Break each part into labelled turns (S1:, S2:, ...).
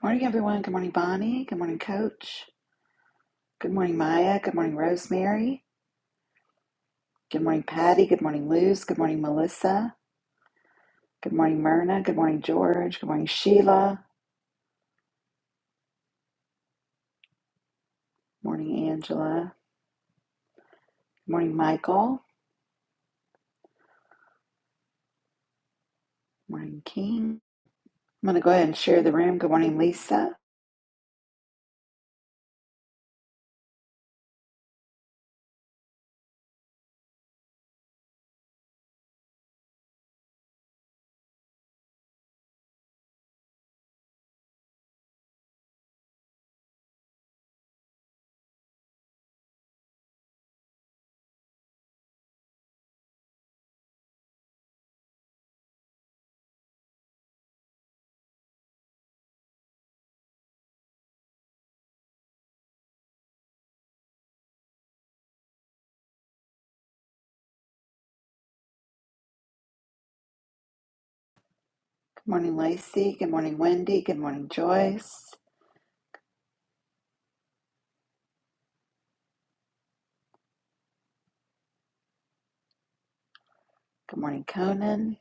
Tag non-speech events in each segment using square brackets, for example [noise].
S1: Good Morning, everyone. Good morning, Bonnie. Good morning, Coach. Good morning, Maya. Good morning, Rosemary. Good morning, Patty. Good morning, Luz. Good morning, Melissa. Good morning, Myrna. Good morning, George. Good morning, Sheila. Morning, Angela. Good morning, Michael. Morning, King. I'm going to go ahead and share the room. Good morning, Lisa. Good morning, Lacey. Good morning, Wendy. Good morning, Joyce. Good morning, Conan.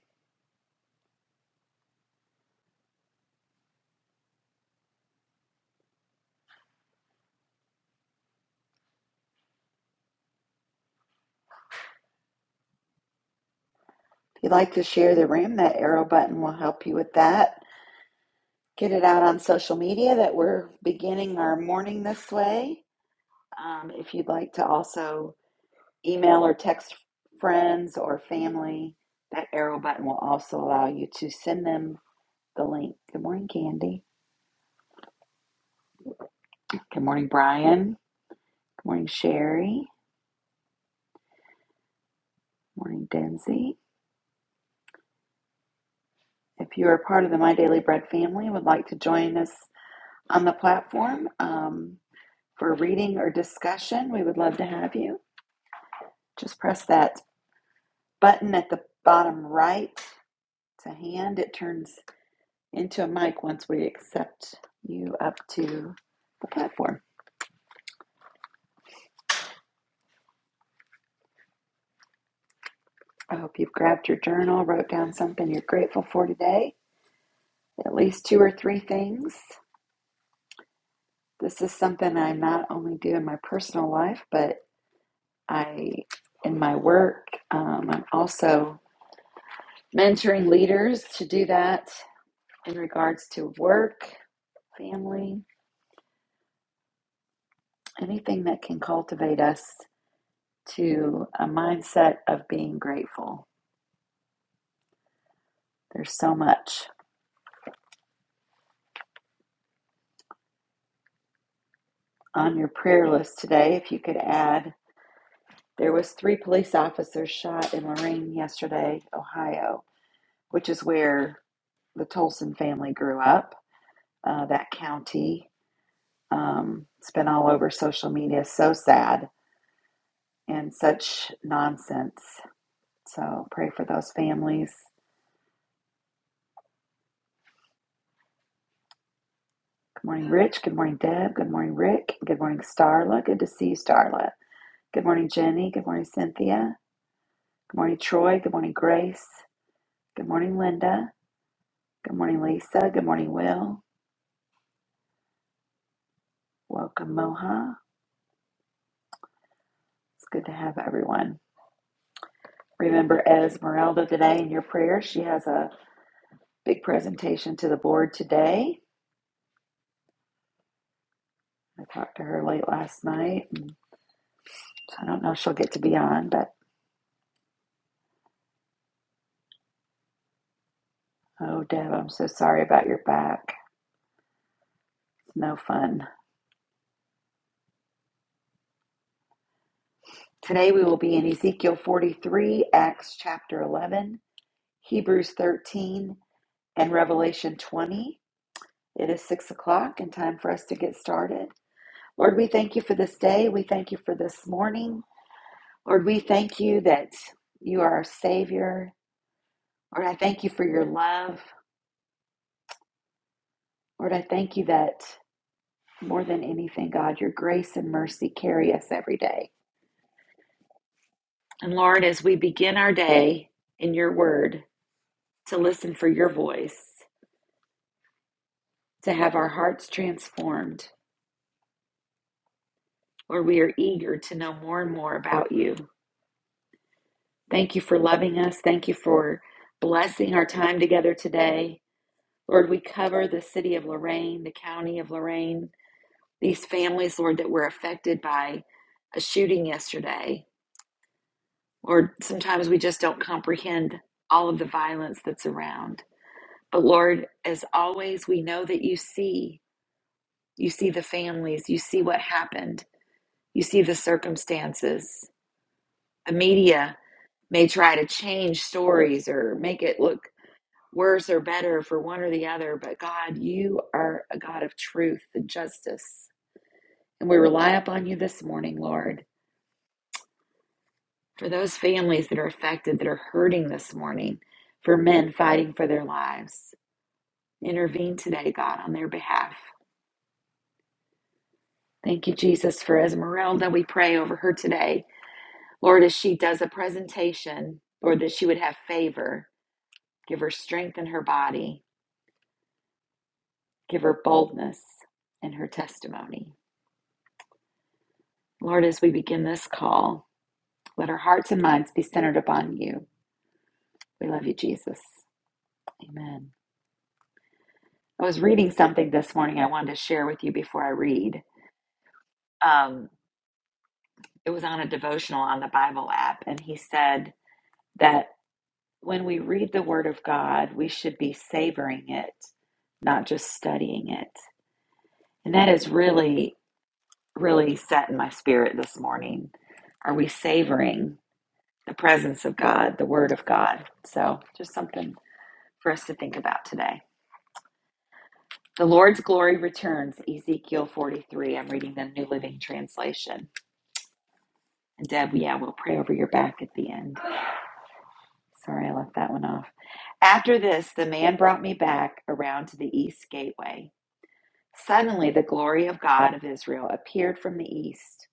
S1: If you'd like to share the room, that arrow button will help you with that. Get it out on social media that we're beginning our morning this way. Um, if you'd like to also email or text friends or family, that arrow button will also allow you to send them the link. Good morning, Candy. Good morning, Brian. Good morning, Sherry. Good morning, Denzi. If you are a part of the My Daily Bread family and would like to join us on the platform um, for reading or discussion, we would love to have you. Just press that button at the bottom right to hand. It turns into a mic once we accept you up to the platform. I hope you've grabbed your journal, wrote down something you're grateful for today, at least two or three things. This is something I not only do in my personal life, but I, in my work, um, I'm also mentoring leaders to do that in regards to work, family, anything that can cultivate us to a mindset of being grateful. There's so much. on your prayer list today, if you could add, there was three police officers shot in Lorraine yesterday, Ohio, which is where the Tolson family grew up. Uh, that county, um, it's been all over social media. So sad and such nonsense. So pray for those families. Good morning, Rich. Good morning, Deb. Good morning, Rick. Good morning, Starla. Good to see you, Starla. Good morning, Jenny. Good morning, Cynthia. Good morning, Troy. Good morning, Grace. Good morning, Linda. Good morning, Lisa. Good morning, Will. Welcome, Moha. It's good to have everyone. Remember Esmeralda today in your prayers. She has a big presentation to the board today. I talked to her late last night, and so I don't know if she'll get to be on, but oh, Deb, I'm so sorry about your back. It's no fun. Today we will be in Ezekiel 43, Acts chapter 11, Hebrews 13, and Revelation 20. It is 6 o'clock and time for us to get started. Lord, we thank you for this day. We thank you for this morning. Lord, we thank you that you are our Savior. Lord, I thank you for your love. Lord, I thank you that more than anything, God, your grace and mercy carry us every day. And Lord, as we begin our day in your word, to listen for your voice, to have our hearts transformed, Lord, we are eager to know more and more about you. Thank you for loving us. Thank you for blessing our time together today. Lord, we cover the city of Lorraine, the county of Lorraine, these families, Lord, that were affected by a shooting yesterday. Lord, sometimes we just don't comprehend all of the violence that's around. But Lord, as always, we know that you see. You see the families, you see what happened, you see the circumstances. The media may try to change stories or make it look worse or better for one or the other, but God, you are a God of truth and justice. And we rely upon you this morning, Lord, for those families that are affected, that are hurting this morning, for men fighting for their lives. Intervene today, God, on their behalf. Thank you, Jesus, for Esmeralda. We pray over her today. Lord, as she does a presentation, Lord, that she would have favor. Give her strength in her body. Give her boldness in her testimony. Lord, as we begin this call, let our hearts and minds be centered upon you. We love you, Jesus. Amen. I was reading something this morning I wanted to share with you before I read. Um, it was on a devotional on the Bible app, and he said that when we read the Word of God, we should be savoring it, not just studying it. And that is really, really set in my spirit this morning. Are we savoring the presence of God, the Word of God? So, just something for us to think about today. The Lord's glory returns, Ezekiel 43. I'm reading the New Living Translation. And Deb, yeah, we'll pray over your back at the end. Sorry, I left that one off. After this, the man brought me back around to the east gateway. Suddenly, the glory of God of Israel appeared from the east.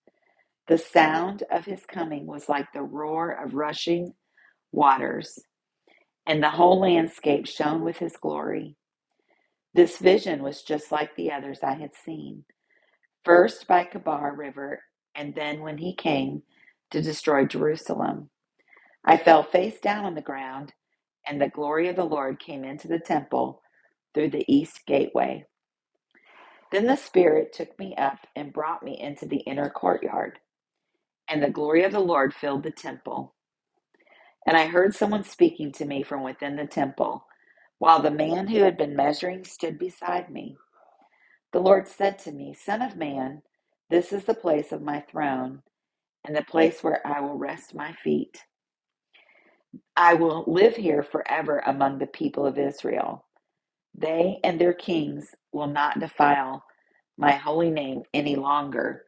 S1: The sound of his coming was like the roar of rushing waters, and the whole landscape shone with his glory. This vision was just like the others I had seen, first by Kabar River, and then when he came to destroy Jerusalem. I fell face down on the ground and the glory of the Lord came into the temple through the east gateway. Then the Spirit took me up and brought me into the inner courtyard, and the glory of the Lord filled the temple. And I heard someone speaking to me from within the temple, while the man who had been measuring stood beside me. The Lord said to me, Son of man, this is the place of my throne, and the place where I will rest my feet. I will live here forever among the people of Israel. They and their kings will not defile my holy name any longer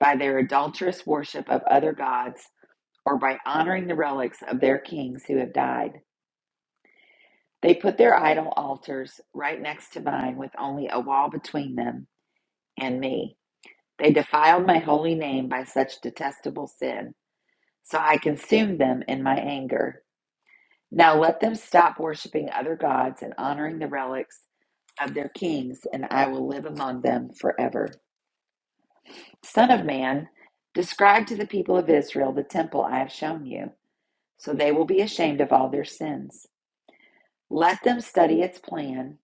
S1: by their adulterous worship of other gods or by honoring the relics of their kings who have died. They put their idol altars right next to mine with only a wall between them and me. They defiled my holy name by such detestable sin, so I consumed them in my anger. Now let them stop worshiping other gods and honoring the relics of their kings, and I will live among them forever. Son of man, describe to the people of Israel the temple I have shown you, so they will be ashamed of all their sins. Let them study its plan,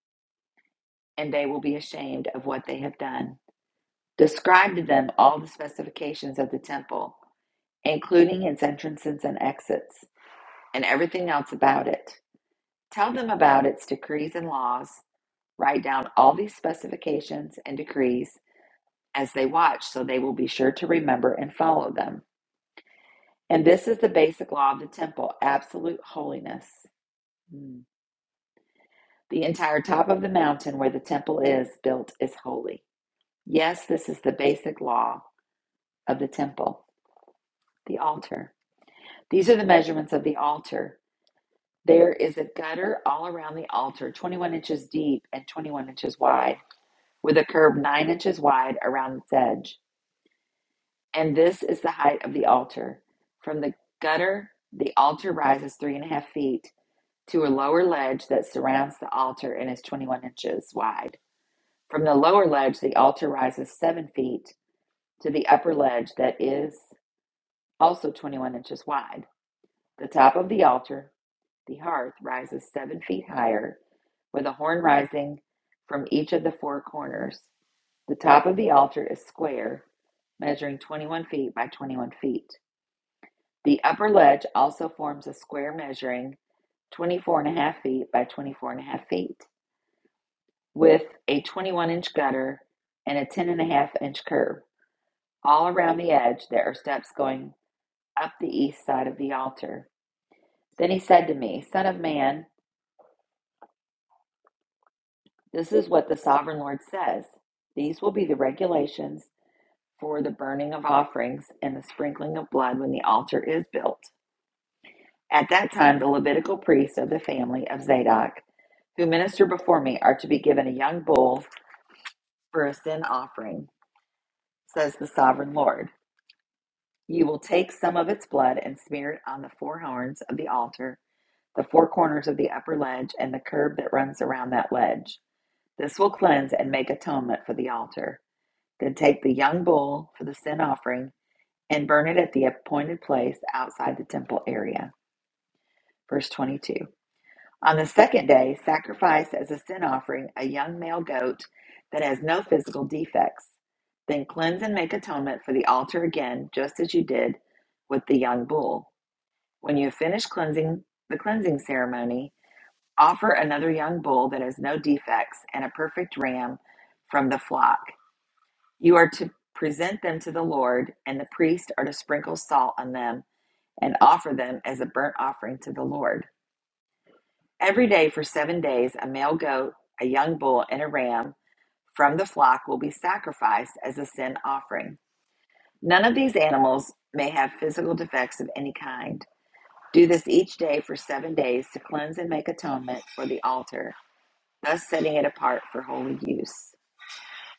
S1: and they will be ashamed of what they have done. Describe to them all the specifications of the temple, including its entrances and exits, and everything else about it. Tell them about its decrees and laws Write down all these specifications and decrees as they watch, so they will be sure to remember and follow them. And this is the basic law of the temple absolute holiness. Hmm. The entire top of the mountain where the temple is built is holy. Yes, this is the basic law of the temple, the altar. These are the measurements of the altar. There is a gutter all around the altar, 21 inches deep and 21 inches wide, with a curve 9 inches wide around its edge. And this is the height of the altar. From the gutter, the altar rises three and a half feet to a lower ledge that surrounds the altar and is 21 inches wide. From the lower ledge, the altar rises seven feet to the upper ledge that is also 21 inches wide. The top of the altar, the hearth, rises seven feet higher with a horn rising from each of the four corners. The top of the altar is square, measuring 21 feet by 21 feet. The upper ledge also forms a square measuring 24 and a half feet by 24 and a half feet with a 21 inch gutter and a 10 and a half inch curb. All around the edge there are steps going up the east side of the altar. Then he said to me, Son of man, this is what the sovereign Lord says. These will be the regulations for the burning of offerings and the sprinkling of blood when the altar is built. At that time, the Levitical priest of the family of Zadok who minister before me are to be given a young bull for a sin offering, says the sovereign Lord. You will take some of its blood and smear it on the four horns of the altar, the four corners of the upper ledge, and the curb that runs around that ledge. This will cleanse and make atonement for the altar. Then take the young bull for the sin offering and burn it at the appointed place outside the temple area. Verse 22. On the second day, sacrifice as a sin offering a young male goat that has no physical defects. Then cleanse and make atonement for the altar again, just as you did with the young bull. When you have finished cleansing the cleansing ceremony, offer another young bull that has no defects and a perfect ram from the flock. You are to present them to the Lord, and the priests are to sprinkle salt on them and offer them as a burnt offering to the Lord. Every day for seven days, a male goat, a young bull, and a ram from the flock will be sacrificed as a sin offering. None of these animals may have physical defects of any kind. Do this each day for seven days to cleanse and make atonement for the altar, thus setting it apart for holy use.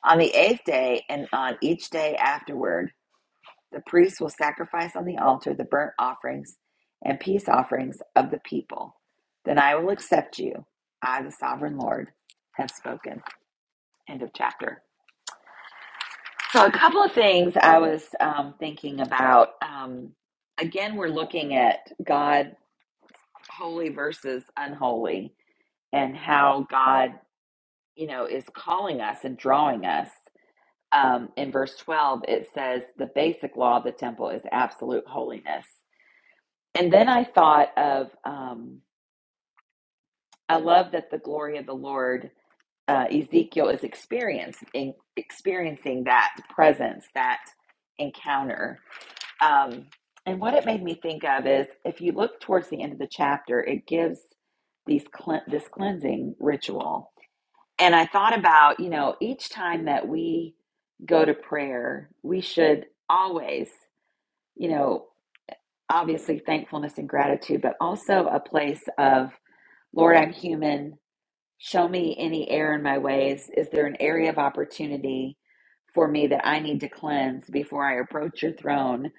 S1: On the eighth day and on each day afterward, the priests will sacrifice on the altar the burnt offerings and peace offerings of the people. Then I will accept you. I, the sovereign Lord, have spoken. End of chapter. So, a couple of things I was um, thinking about. Um, again, we're looking at God holy versus unholy and how God, you know, is calling us and drawing us. Um, in verse 12, it says the basic law of the temple is absolute holiness And then I thought of, um, I love that the glory of the Lord, uh, Ezekiel is experiencing experiencing that presence, that encounter. Um, and what it made me think of is, if you look towards the end of the chapter, it gives these cle- this cleansing ritual. And I thought about, you know, each time that we go to prayer, we should always, you know, obviously thankfulness and gratitude, but also a place of Lord, I'm human. Show me any error in my ways. Is there an area of opportunity for me that I need to cleanse before I approach your throne?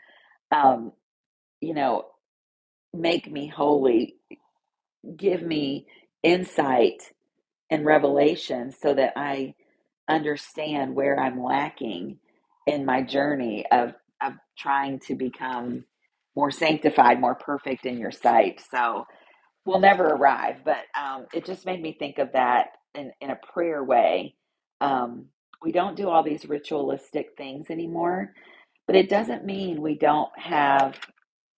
S1: Um, you know, make me holy. Give me insight and revelation so that I understand where I'm lacking in my journey of of trying to become more sanctified, more perfect in your sight. So, will never arrive, but um, it just made me think of that in, in a prayer way. Um, we don't do all these ritualistic things anymore, but it doesn't mean we don't have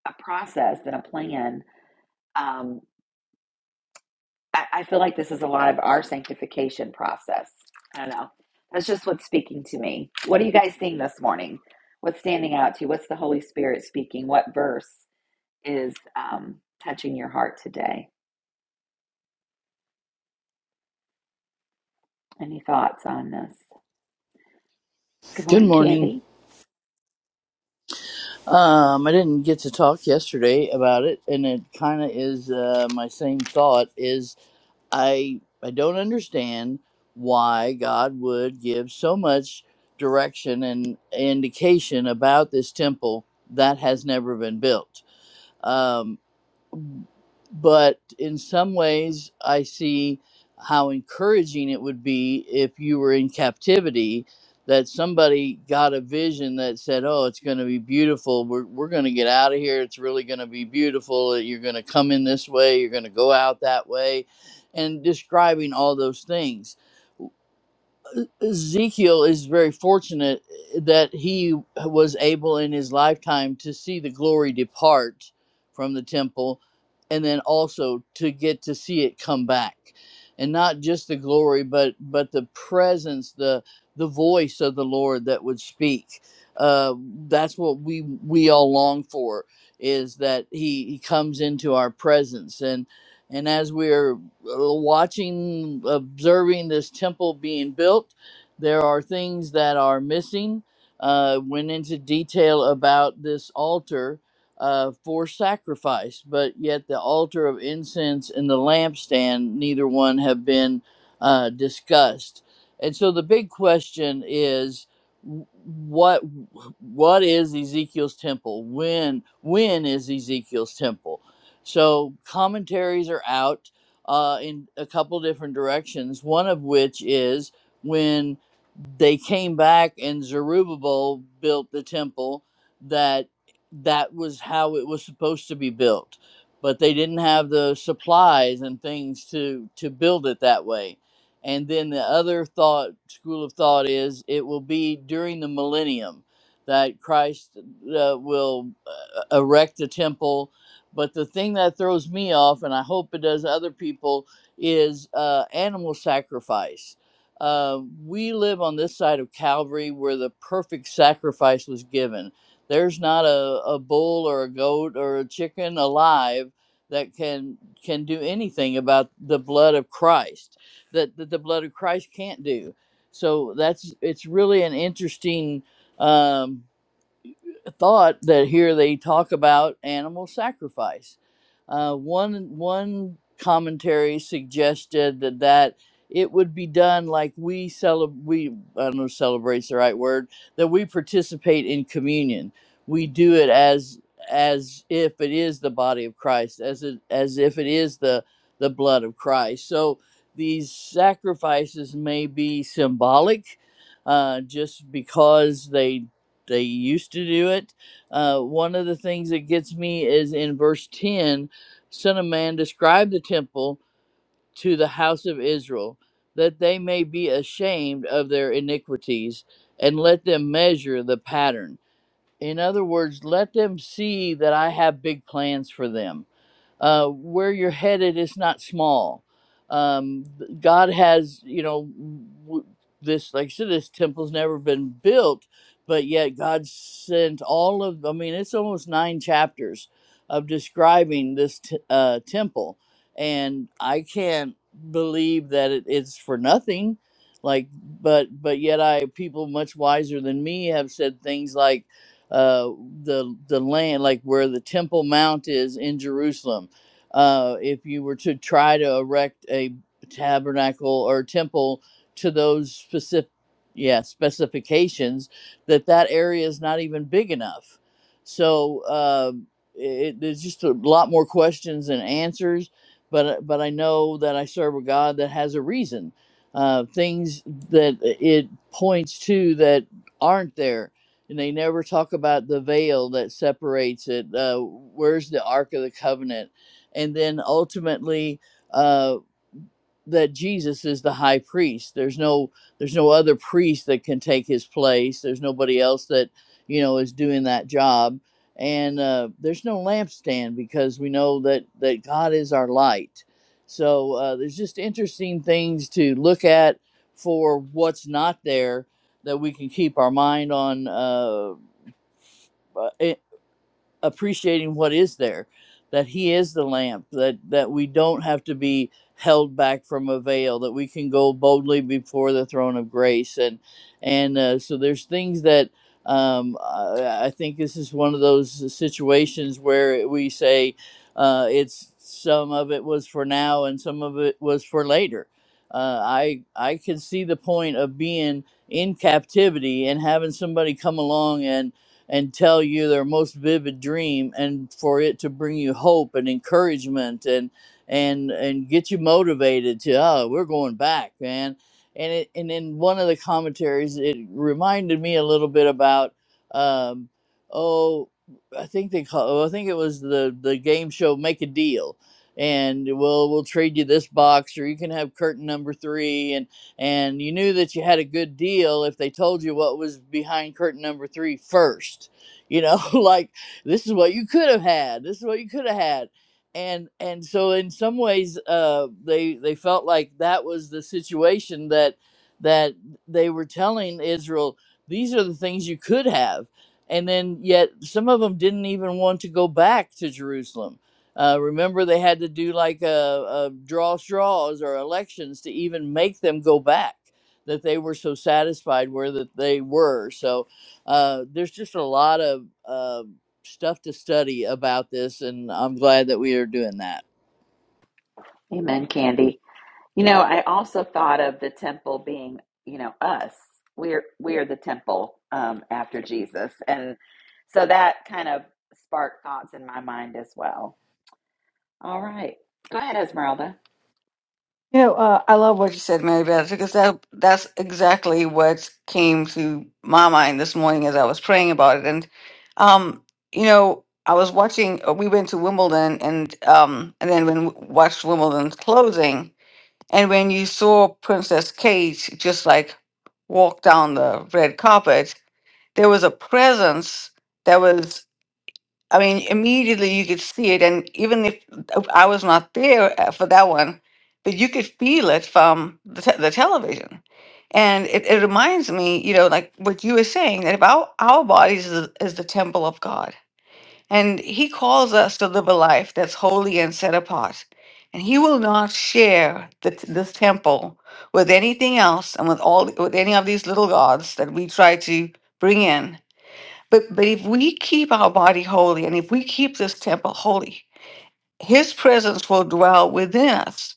S1: a process and a plan. Um, I, I feel like this is a lot of our sanctification process. I don't know. That's just what's speaking to me. What are you guys seeing this morning? What's standing out to you? What's the Holy Spirit speaking? What verse is um, touching your heart today? Any thoughts on this? Good
S2: Good
S1: morning,
S2: morning.
S1: Candy.
S2: Um, I didn't get to talk yesterday about it, and it kind of is uh, my same thought. Is I I don't understand why God would give so much direction and indication about this temple that has never been built. Um, but in some ways i see how encouraging it would be if you were in captivity that somebody got a vision that said oh it's going to be beautiful we're, we're going to get out of here it's really going to be beautiful you're going to come in this way you're going to go out that way and describing all those things Ezekiel is very fortunate that he was able in his lifetime to see the glory depart from the temple and then also to get to see it come back and not just the glory but but the presence the the voice of the lord that would speak uh, that's what we we all long for is that he, he comes into our presence and and as we're uh, watching observing this temple being built there are things that are missing. Uh, went into detail about this altar uh, for sacrifice, but yet the altar of incense and the lampstand, neither one have been uh, discussed. And so the big question is w- what what is Ezekiel's temple? When when is Ezekiel's temple? So commentaries are out uh, in a couple different directions. One of which is when they came back and Zerubbabel built the temple that that was how it was supposed to be built but they didn't have the supplies and things to to build it that way and then the other thought school of thought is it will be during the millennium that Christ uh, will uh, erect the temple but the thing that throws me off and I hope it does other people is uh, animal sacrifice uh, we live on this side of Calvary where the perfect sacrifice was given. There's not a, a bull or a goat or a chicken alive that can can do anything about the blood of Christ that, that the blood of Christ can't do. So that's it's really an interesting um, thought that here they talk about animal sacrifice. Uh, one one commentary suggested that, that it would be done like we celebrate. We I don't know celebrates the right word that we participate in communion. We do it as as if it is the body of Christ, as it as if it is the the blood of Christ. So these sacrifices may be symbolic, uh, just because they they used to do it. Uh, one of the things that gets me is in verse 10 Son of man, describe the temple to the house of Israel, that they may be ashamed of their iniquities, and let them measure the pattern. In other words, let them see that I have big plans for them uh, where you're headed is not small. Um, God has, you know, w- this, like I said, this temple's never been built, but yet God sent all of, I mean, it's almost nine chapters of describing this t- uh, temple. And I can't believe that it, it's for nothing. Like, but, but yet I, people much wiser than me have said things like, uh, the the land, like where the Temple Mount is in Jerusalem uh, if you were to try to erect a tabernacle or temple to those specific yeah specifications that that area is not even big enough so uh, it, there's just a lot more questions than answers but uh, but i know that i serve a god that has a reason uh, things that it points to that aren't there and they never talk about the veil that separates it uh, where's the ark of the covenant and then ultimately uh, that Jesus is the high priest. There's no there's no other priest that can take his place. There's nobody else that you know is doing that job, and uh, there's no lampstand because we know that that God is our light. So uh, there's just interesting things to look at for what's not there that we can keep our mind on uh, uh, appreciating what is there that he is the lamp that that we don't have to be held back from a veil that we can go boldly before the throne of grace and and uh, so there's things that um, I, I think this is one of those situations where we say uh, it's some of it was for now and some of it was for later uh, i i can see the point of being in captivity and having somebody come along and and tell you their most vivid dream and for it to bring you hope and encouragement and and and get you motivated to oh we're going back man and it, and in one of the commentaries it reminded me a little bit about um, oh I think they call oh, I think it was the the game show make a deal and we'll we'll trade you this box or you can have curtain number 3 and and you knew that you had a good deal if they told you what was behind curtain number three first you know [laughs] like this is what you could have had this is what you could have had and and so in some ways uh they they felt like that was the situation that that they were telling israel these are the things you could have and then yet some of them didn't even want to go back to jerusalem uh, remember, they had to do like a, a draw straws or elections to even make them go back. That they were so satisfied where that they were. So uh, there's just a lot of uh, stuff to study about this, and I'm glad that we are doing that.
S1: Amen, Candy. You know, I also thought of the temple being, you know, us. We're we're the temple um, after Jesus, and so that kind of sparked thoughts in my mind as well. All right, go ahead, Esmeralda.
S3: You know, uh, I love what you said, Mary Beth, because that, that's exactly what came to my mind this morning as I was praying about it. And, um, you know, I was watching, uh, we went to Wimbledon and, um, and then when we watched Wimbledon's closing, and when you saw Princess Kate just like walk down the red carpet, there was a presence that was. I mean, immediately you could see it, and even if uh, I was not there uh, for that one, but you could feel it from the, te- the television. And it, it reminds me, you know, like what you were saying, that if our our bodies is, the- is the temple of God. And He calls us to live a life that's holy and set apart. And He will not share the, t- this temple with anything else and with all with any of these little gods that we try to bring in but but if we keep our body holy and if we keep this temple holy, his presence will dwell within us.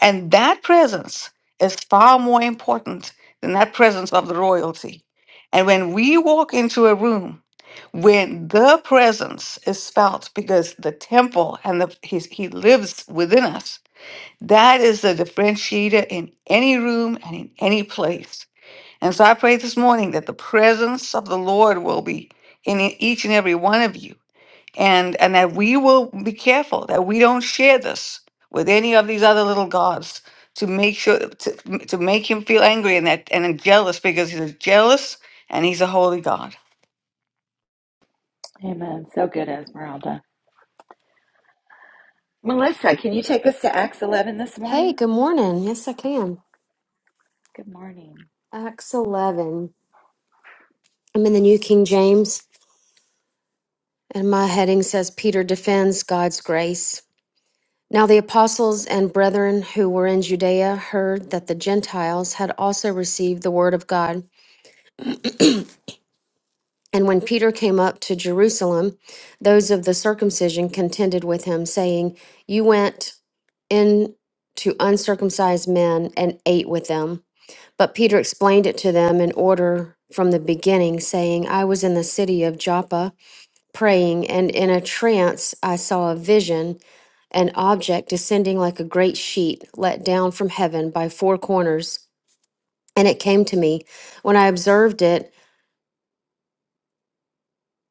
S3: And that presence is far more important than that presence of the royalty. And when we walk into a room, when the presence is felt because the temple and the his, he lives within us, that is the differentiator in any room and in any place. And so I pray this morning that the presence of the Lord will be in e- each and every one of you, and and that we will be careful that we don't share this with any of these other little gods to make sure to, to make him feel angry and that and jealous because he's jealous and he's a holy God.
S1: Amen. So good, Esmeralda. Melissa, can you take us to Acts eleven this
S4: Hey,
S1: morning?
S4: good morning. Yes, I can.
S1: Good morning.
S4: Acts 11. I'm in the New King James, and my heading says Peter defends God's grace. Now, the apostles and brethren who were in Judea heard that the Gentiles had also received the word of God. And when Peter came up to Jerusalem, those of the circumcision contended with him, saying, You went in to uncircumcised men and ate with them. But Peter explained it to them in order from the beginning, saying, I was in the city of Joppa praying, and in a trance I saw a vision, an object descending like a great sheet let down from heaven by four corners. And it came to me. When I observed it,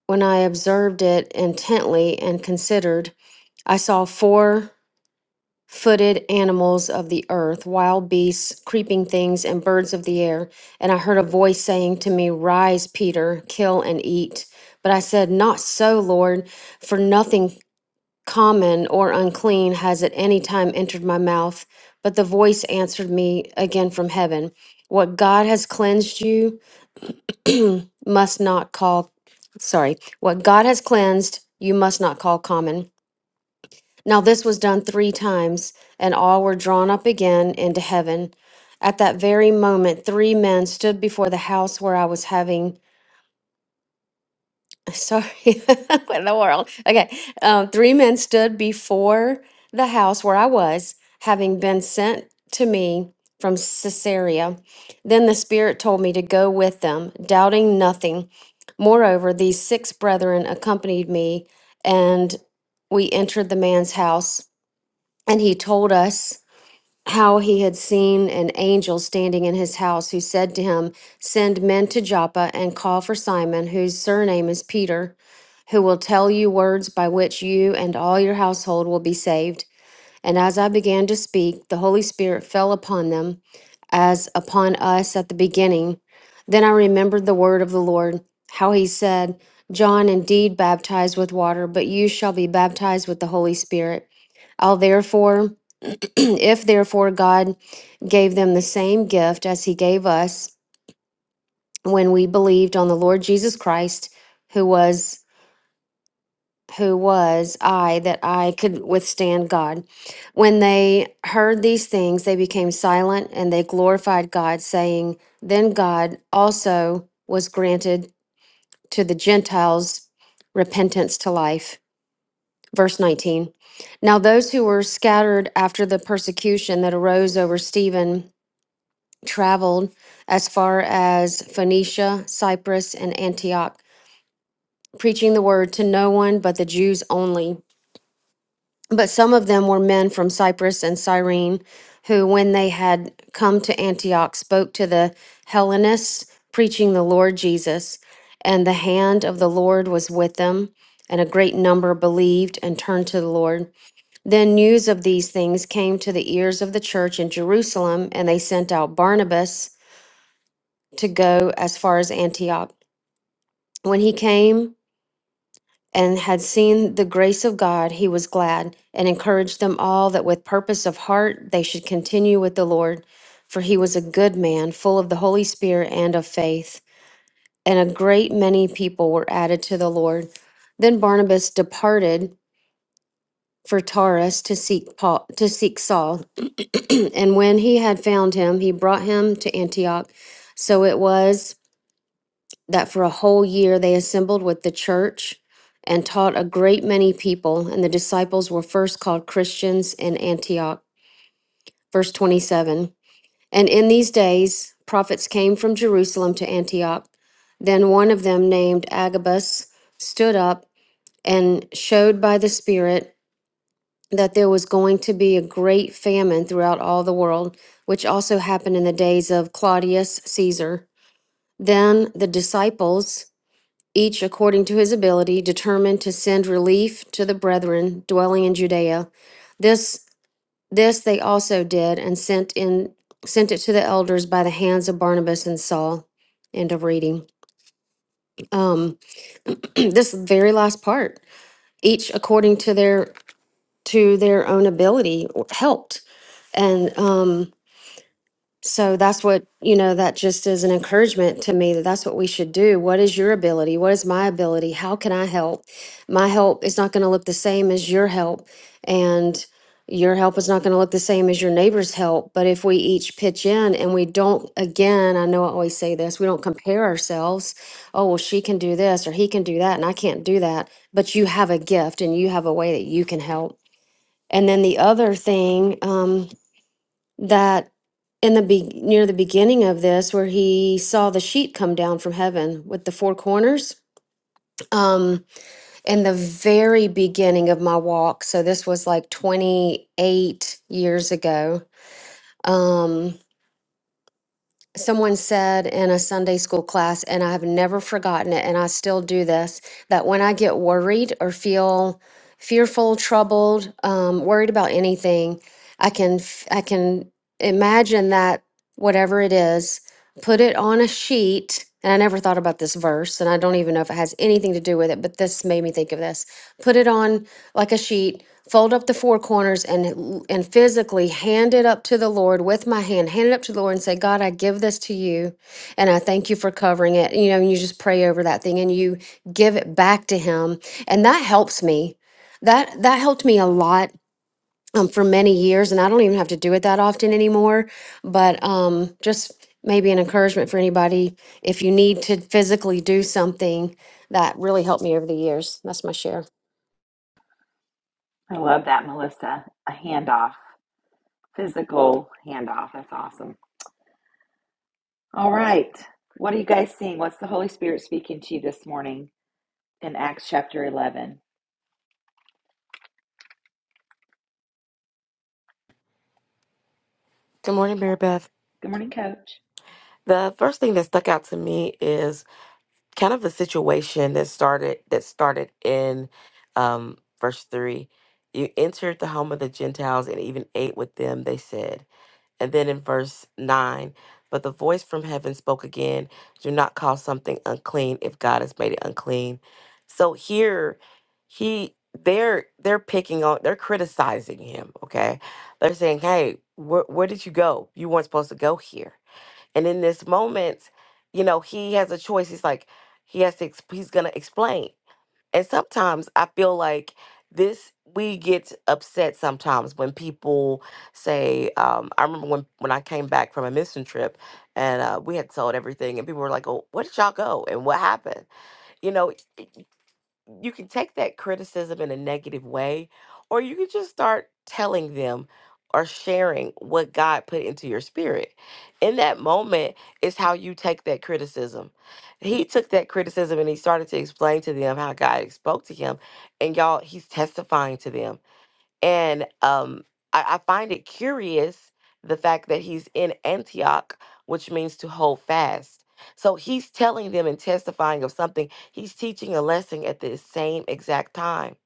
S4: when I observed it intently and considered, I saw four footed animals of the earth, wild beasts, creeping things, and birds of the air. And I heard a voice saying to me, Rise, Peter, kill and eat. But I said, Not so, Lord, for nothing common or unclean has at any time entered my mouth. But the voice answered me again from heaven, What God has cleansed you [clears throat] must not call, sorry, what God has cleansed you must not call common. Now this was done three times, and all were drawn up again into heaven. At that very moment, three men stood before the house where I was having. [laughs] Sorry, [laughs] what in the world? Okay, um, three men stood before the house where I was, having been sent to me from Caesarea. Then the Spirit told me to go with them, doubting nothing. Moreover, these six brethren accompanied me, and we entered the man's house. And he told us how he had seen an angel standing in his house who said to him, Send men to Joppa and call for Simon, whose surname is Peter, who will tell you words by which you and all your household will be saved. And as I began to speak, the Holy Spirit fell upon them, as upon us at the beginning. Then I remembered the word of the Lord, how he said, John indeed baptized with water, but you shall be baptized with the Holy Spirit. I'll therefore [clears throat] if therefore God gave them the same gift as he gave us when we believed on the Lord Jesus Christ, who was who was I that I could withstand God? When they heard these things, they became silent and they glorified God, saying, Then God also was granted to the Gentiles repentance to life. Verse 19. Now, those who were scattered after the persecution that arose over Stephen traveled as far as Phoenicia, Cyprus, and Antioch, preaching the word to no one but the Jews only. But some of them were men from Cyprus and Cyrene, who, when they had come to Antioch, spoke to the Hellenists, preaching the Lord Jesus. And the hand of the Lord was with them, and a great number believed and turned to the Lord. Then news of these things came to the ears of the church in Jerusalem, and they sent out Barnabas to go as far as Antioch. When he came and had seen the grace of God, he was glad and encouraged them all that with purpose of heart they should continue with the Lord. For he was a good man, full of the Holy Spirit and of faith. And a great many people were added to the Lord. Then Barnabas departed for Taurus to seek Paul, to seek Saul. [clears throat] and when he had found him, he brought him to Antioch. So it was that for a whole year they assembled with the church and taught a great many people, and the disciples were first called Christians in Antioch. Verse 27 And in these days prophets came from Jerusalem to Antioch. Then one of them, named Agabus, stood up and showed by the Spirit that there was going to be a great famine throughout all the world, which also happened in the days of Claudius Caesar. Then the disciples each according to his ability, determined to send relief to the brethren dwelling in Judea. This this they also did and sent in sent it to the elders by the hands of Barnabas and Saul. End of reading. Um, [clears throat] this very last part, each according to their to their own ability helped, and um. So that's what, you know, that just is an encouragement to me that that's what we should do. What is your ability? What is my ability? How can I help? My help is not going to look the same as your help. And your help is not going to look the same as your neighbor's help. But if we each pitch in and we don't, again, I know I always say this, we don't compare ourselves. Oh, well, she can do this or he can do that and I can't do that. But you have a gift and you have a way that you can help. And then the other thing, um, that in the be- near the beginning of this where he saw the sheet come down from heaven with the four corners um in the very beginning of my walk so this was like 28 years ago um someone said in a Sunday school class, and I've never forgotten it, and I still do this, that when I get worried or feel fearful, troubled, um, worried about anything, I can f- I can imagine that whatever it is, put it on a sheet. And I never thought about this verse, and I don't even know if it has anything to do with it, but this made me think of this. Put it on like a sheet fold up the four corners and and physically hand it up to the Lord with my hand, hand it up to the Lord and say, God, I give this to you and I thank you for covering it. You know, and you just pray over that thing and you give it back to him. And that helps me. That that helped me a lot um, for many years. And I don't even have to do it that often anymore. But um just maybe an encouragement for anybody if you need to physically do something that really helped me over the years. That's my share.
S1: I love that, Melissa. A handoff, physical handoff. That's awesome. All right. What are you guys seeing? What's the Holy Spirit speaking to you this morning in Acts chapter 11?
S5: Good morning, Mary Beth.
S1: Good morning, coach.
S5: The first thing that stuck out to me is kind of the situation that started that started in um, verse three. You entered the home of the Gentiles and even ate with them, they said. And then in verse nine, but the voice from heaven spoke again, do not call something unclean if God has made it unclean. So here he they're they're picking on they're criticizing him, okay? They're saying, Hey, where where did you go? You weren't supposed to go here and in this moment, you know, he has a choice. He's like, he has to, ex- he's going to explain. And sometimes I feel like this, we get upset sometimes when people say, um, I remember when, when I came back from a mission trip and uh, we had sold everything and people were like, oh, where did y'all go? And what happened? You know, you can take that criticism in a negative way, or you can just start telling them or sharing what God put into your spirit. In that moment is how you take that criticism. He took that criticism and he started to explain to them how God spoke to him. And y'all, he's testifying to them. And um, I, I find it curious the fact that he's in Antioch, which means to hold fast. So he's telling them and testifying of something. He's teaching a lesson at the same exact time.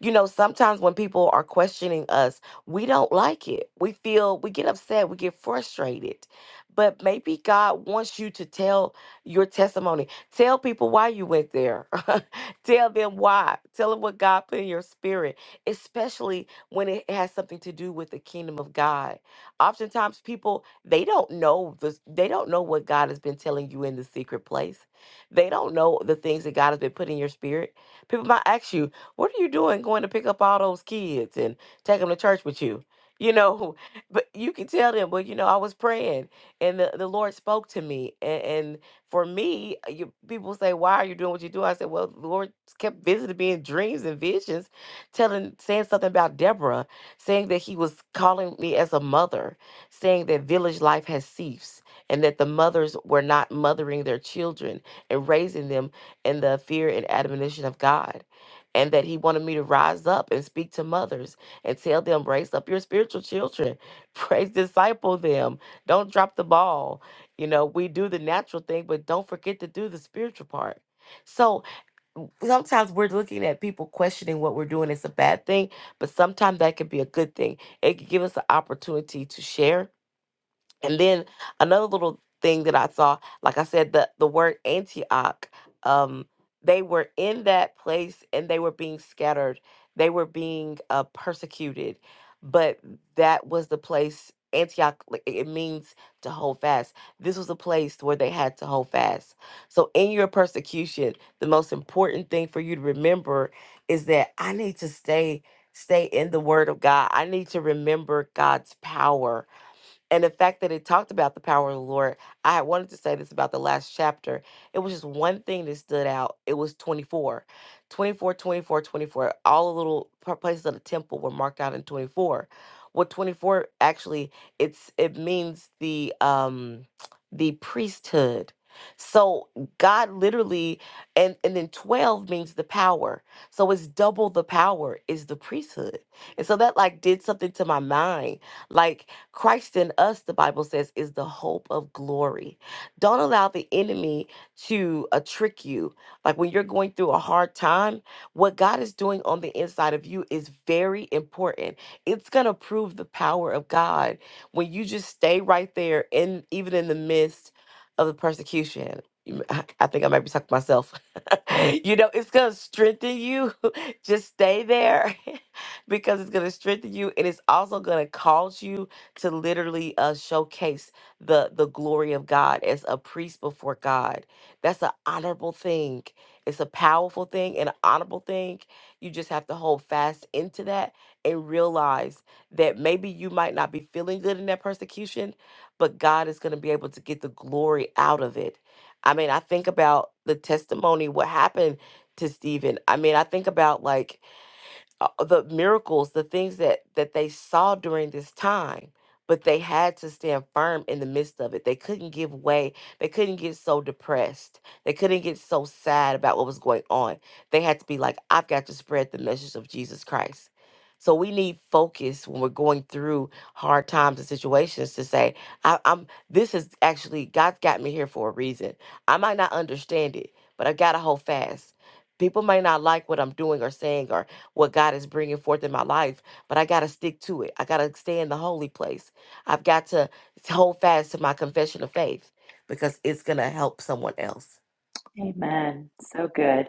S5: You know, sometimes when people are questioning us, we don't like it. We feel, we get upset, we get frustrated. But maybe God wants you to tell your testimony. Tell people why you went there. [laughs] tell them why. Tell them what God put in your spirit, especially when it has something to do with the kingdom of God. Oftentimes people they don't know the they don't know what God has been telling you in the secret place. They don't know the things that God has been putting in your spirit. People might ask you, what are you doing going to pick up all those kids and take them to church with you? You know, [laughs] but you can tell them, well, you know, I was praying and the, the Lord spoke to me. And, and for me, uh, you, people say, why are you doing what you do? I said, well, the Lord kept visiting me in dreams and visions, telling, saying something about Deborah, saying that he was calling me as a mother, saying that village life has ceased and that the mothers were not mothering their children and raising them in the fear and admonition of God and that he wanted me to rise up and speak to mothers and tell them raise up your spiritual children [laughs] praise disciple them don't drop the ball you know we do the natural thing but don't forget to do the spiritual part so sometimes we're looking at people questioning what we're doing it's a bad thing but sometimes that can be a good thing it can give us an opportunity to share and then another little thing that I saw, like I said, the, the word Antioch, um, they were in that place and they were being scattered. They were being uh, persecuted. But that was the place, Antioch, like, it it means to hold fast. This was a place where they had to hold fast. So in your persecution, the most important thing for you to remember is that I need to stay stay in the word of God. I need to remember God's power and the fact that it talked about the power of the Lord, I had wanted to say this about the last chapter. It was just one thing that stood out. It was 24. 24, twenty-four, twenty-four. All the little pa- places of the temple were marked out in 24. What 24 actually it's it means the um the priesthood. So God literally and and then 12 means the power. So it's double the power is the priesthood. And so that like did something to my mind. Like Christ in us, the Bible says, is the hope of glory. Don't allow the enemy to uh, trick you. Like when you're going through a hard time, what God is doing on the inside of you is very important. It's going to prove the power of God when you just stay right there, and even in the midst of the persecution. You m- [laughs] I think I might be talking to myself. [laughs] you know, it's going to strengthen you. [laughs] just stay there [laughs] because it's going to strengthen you and it's also going to cause you to literally uh, showcase the the glory of God as a priest before God. That's an honorable thing. It's a powerful thing and an honorable thing. You just have to hold fast into that and realize that maybe you might not be feeling good in that persecution, but God is going to be able to get the glory out of it. I mean, I think about the testimony, what happened to Stephen. I mean, I think about like uh, uh, the miracles, the things that that they saw during this time, but they had to stand firm in the midst of it. They couldn't give way. They couldn't get so depressed. They couldn't get so sad about what was going on. They had to be like, I've got to spread the message of Jesus Christ. So we need focus when we're going through hard times and situations to say, I, I'm this is actually God's got me here for a reason. I might not understand it, but I gotta hold fast people may not like what I'm doing or saying, or what God is bringing forth in my life, but I got to stick to it. I got to stay in the holy place. I've got to hold fast to my confession of faith because it's going to help someone else.
S1: Amen. So good.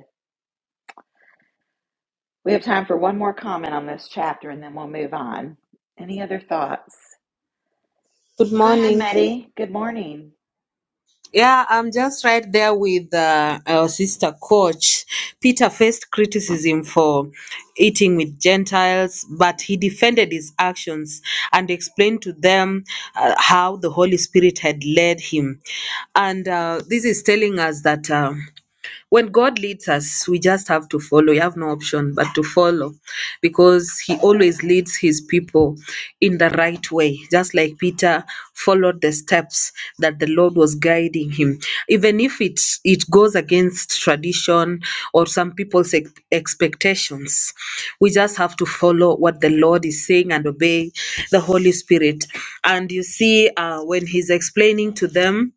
S1: We have time for one more comment on this chapter and then we'll move on. Any other thoughts?
S6: Good
S1: Go ahead,
S6: morning.
S1: Meddy. Good morning.
S6: Yeah, I'm just right there with uh, our sister coach. Peter faced criticism for eating with Gentiles, but he defended his actions and explained to them uh, how the Holy Spirit had led him. And uh, this is telling us that. Uh, when God leads us, we just have to follow. You have no option but to follow because He always leads His people in the right way, just like Peter followed the steps that the Lord was guiding him. Even if it, it goes against tradition or some people's ex- expectations, we just have to follow what the Lord is saying and obey the Holy Spirit. And you see, uh, when He's explaining to them,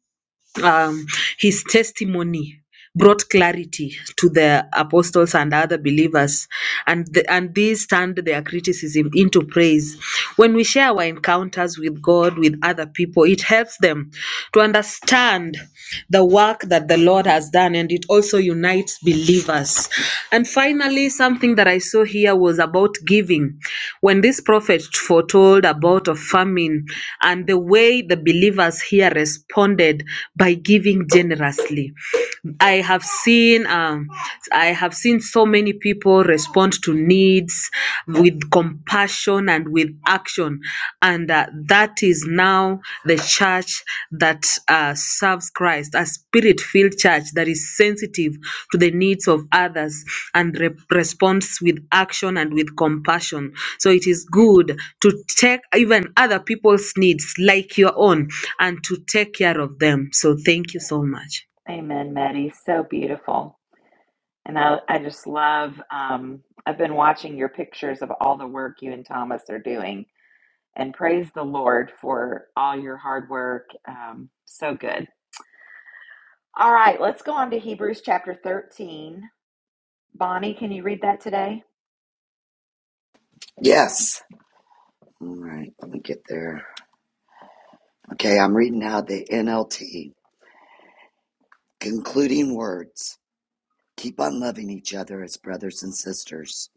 S6: um, his testimony brought clarity to the apostles and other believers and the, and these turned their criticism into praise when we share our encounters with god with other people it helps them to understand the the work that the Lord has done, and it also unites believers. And finally, something that I saw here was about giving. When this prophet foretold about a famine and the way the believers here responded by giving generously. I have seen um, I have seen so many people respond to needs with compassion and with action, and uh, that is now the church that uh, serves Christ, a spirit-filled church that is sensitive to the needs of others and re- responds with action and with compassion. So it is good to take even other people's needs like your own and to take care of them. So thank you so much.
S1: Amen, Meddy. So beautiful. And I, I just love, um, I've been watching your pictures of all the work you and Thomas are doing and praise the Lord for all your hard work. Um, so good. All right, let's go on to Hebrews chapter 13. Bonnie, can you read that today?
S7: Yes. All right, let me get there. Okay, I'm reading now the NLT. Concluding words. Keep on loving each other as brothers and sisters.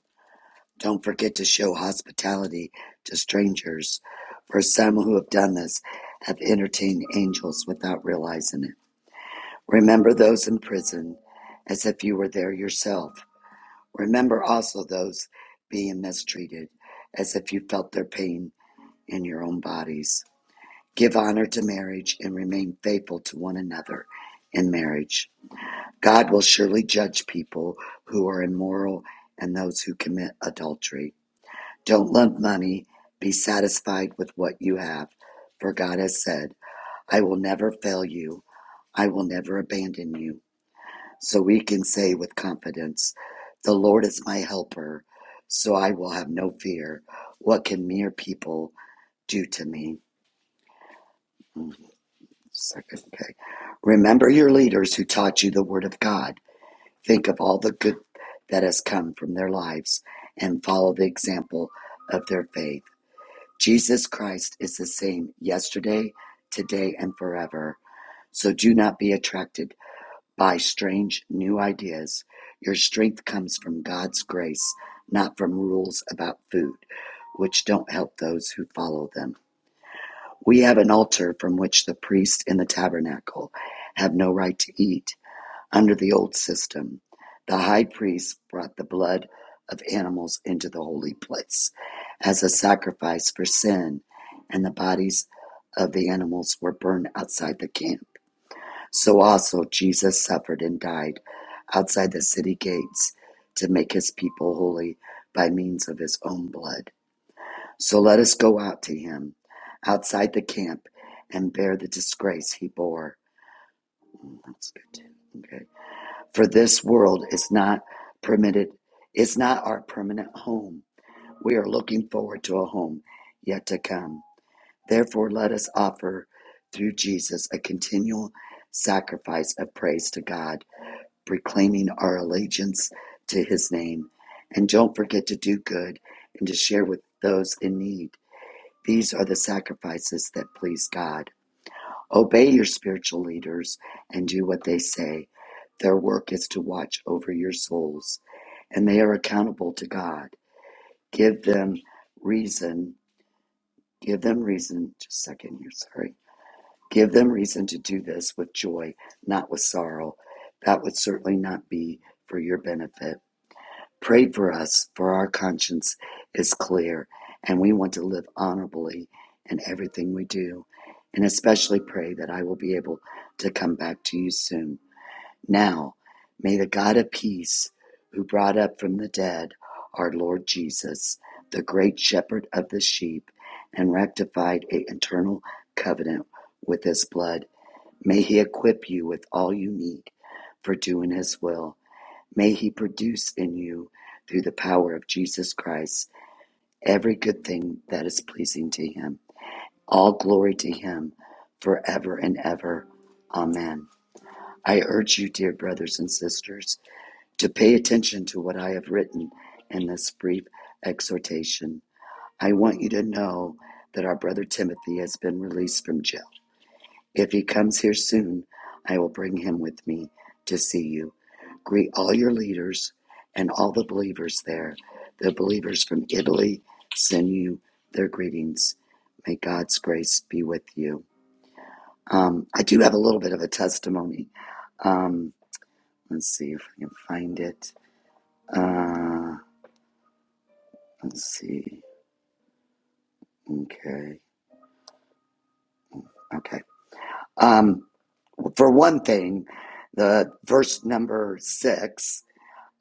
S7: Don't forget to show hospitality to strangers, for some who have done this have entertained angels without realizing it. Remember those in prison as if you were there yourself. Remember also those being mistreated as if you felt their pain in your own bodies. Give honor to marriage and remain faithful to one another in marriage. God will surely judge people who are immoral and those who commit adultery. Don't love money. Be satisfied with what you have. For God has said, I will never fail you. I will never abandon you. So we can say with confidence, The Lord is my helper, so I will have no fear. What can mere people do to me? Hmm. Second, okay. Remember your leaders who taught you the Word of God. Think of all the good that has come from their lives and follow the example of their faith. Jesus Christ is the same yesterday, today, and forever. So do not be attracted by strange new ideas. Your strength comes from God's grace, not from rules about food, which don't help those who follow them. We have an altar from which the priest in the tabernacle have no right to eat. Under the old system, the high priest brought the blood of animals into the holy place as a sacrifice for sin, and the bodies of the animals were burned outside the camp. So also Jesus suffered and died outside the city gates to make his people holy by means of his own blood. So let us go out to him outside the camp and bear the disgrace he bore. Mm, That's good too. Okay. For this world is not permitted, it's not our permanent home. We are looking forward to a home yet to come. Therefore, let us offer through Jesus a continual sacrifice of praise to God, proclaiming our allegiance to his name. And don't forget to do good and to share with those in need these are the sacrifices that please God. Obey your spiritual leaders and do what they say. Their work is to watch over your souls, and they are accountable to God. Give them reason. Give them reason. Just a second here, sorry. Give them reason to do this with joy, not with sorrow. That would certainly not be for your benefit. Pray for us, for our conscience is clear, and we want to live honorably in everything we do. And especially pray that I will be able to come back to you soon. Now, may the God of peace, who brought up from the dead our Lord Jesus, the great shepherd of the sheep, and rectified an eternal covenant with his blood, may he equip you with all you need for doing his will May He produce in you, through the power of Jesus Christ, every good thing that is pleasing to Him. All glory to Him forever and ever. Amen. I urge you, dear brothers and sisters, to pay attention to what I have written in this brief exhortation. I want you to know that our brother Timothy has been released from jail if he comes here soon, I will bring him with me to see you. Greet all your leaders and all the believers there. The believers from Italy send you their greetings. May God's grace be with you. Um, I do have a little bit of a testimony. Um, let's see if I can find it. Uh, let's see. Okay. Okay. Um, for one thing, the verse number six.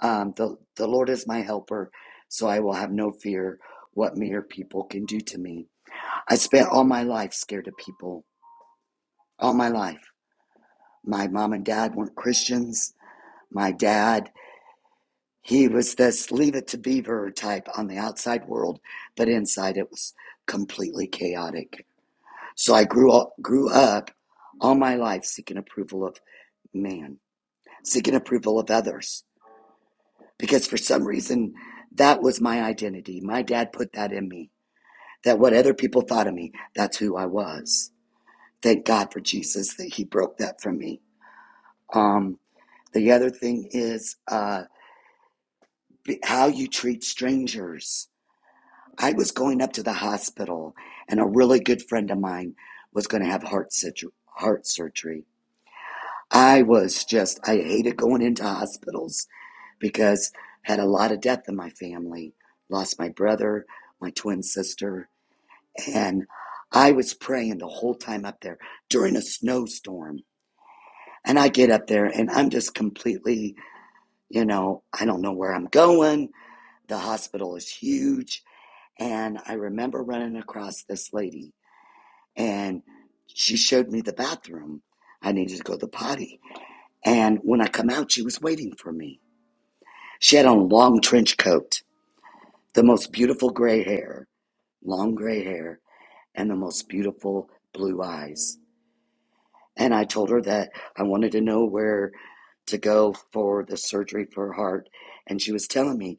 S7: Um, the, the Lord is my helper, so I will have no fear what mere people can do to me. I spent all my life scared of people, all my life. My mom and dad weren't Christians. My dad, he was this leave it to beaver type on the outside world, but inside it was completely chaotic. So I grew up, grew up all my life seeking approval of man, seeking approval of others, because for some reason that was my identity. My dad put that in me that what other people thought of me, that's who I was. Thank God for Jesus that He broke that from me. Um, the other thing is uh, how you treat strangers. I was going up to the hospital, and a really good friend of mine was going to have heart surgery. Heart surgery. I was just I hated going into hospitals because I had a lot of death in my family. Lost my brother, my twin sister. And I was praying the whole time up there during a snowstorm. And I get up there and I'm just completely, you know, I don't know where I'm going. The hospital is huge. And I remember running across this lady and she showed me the bathroom. I needed to go to the potty. And when I come out, she was waiting for me. She had on a long trench coat, the most beautiful gray hair, long gray hair, and the most beautiful blue eyes And I told her that I wanted to know where to go for the surgery for her heart. And she was telling me,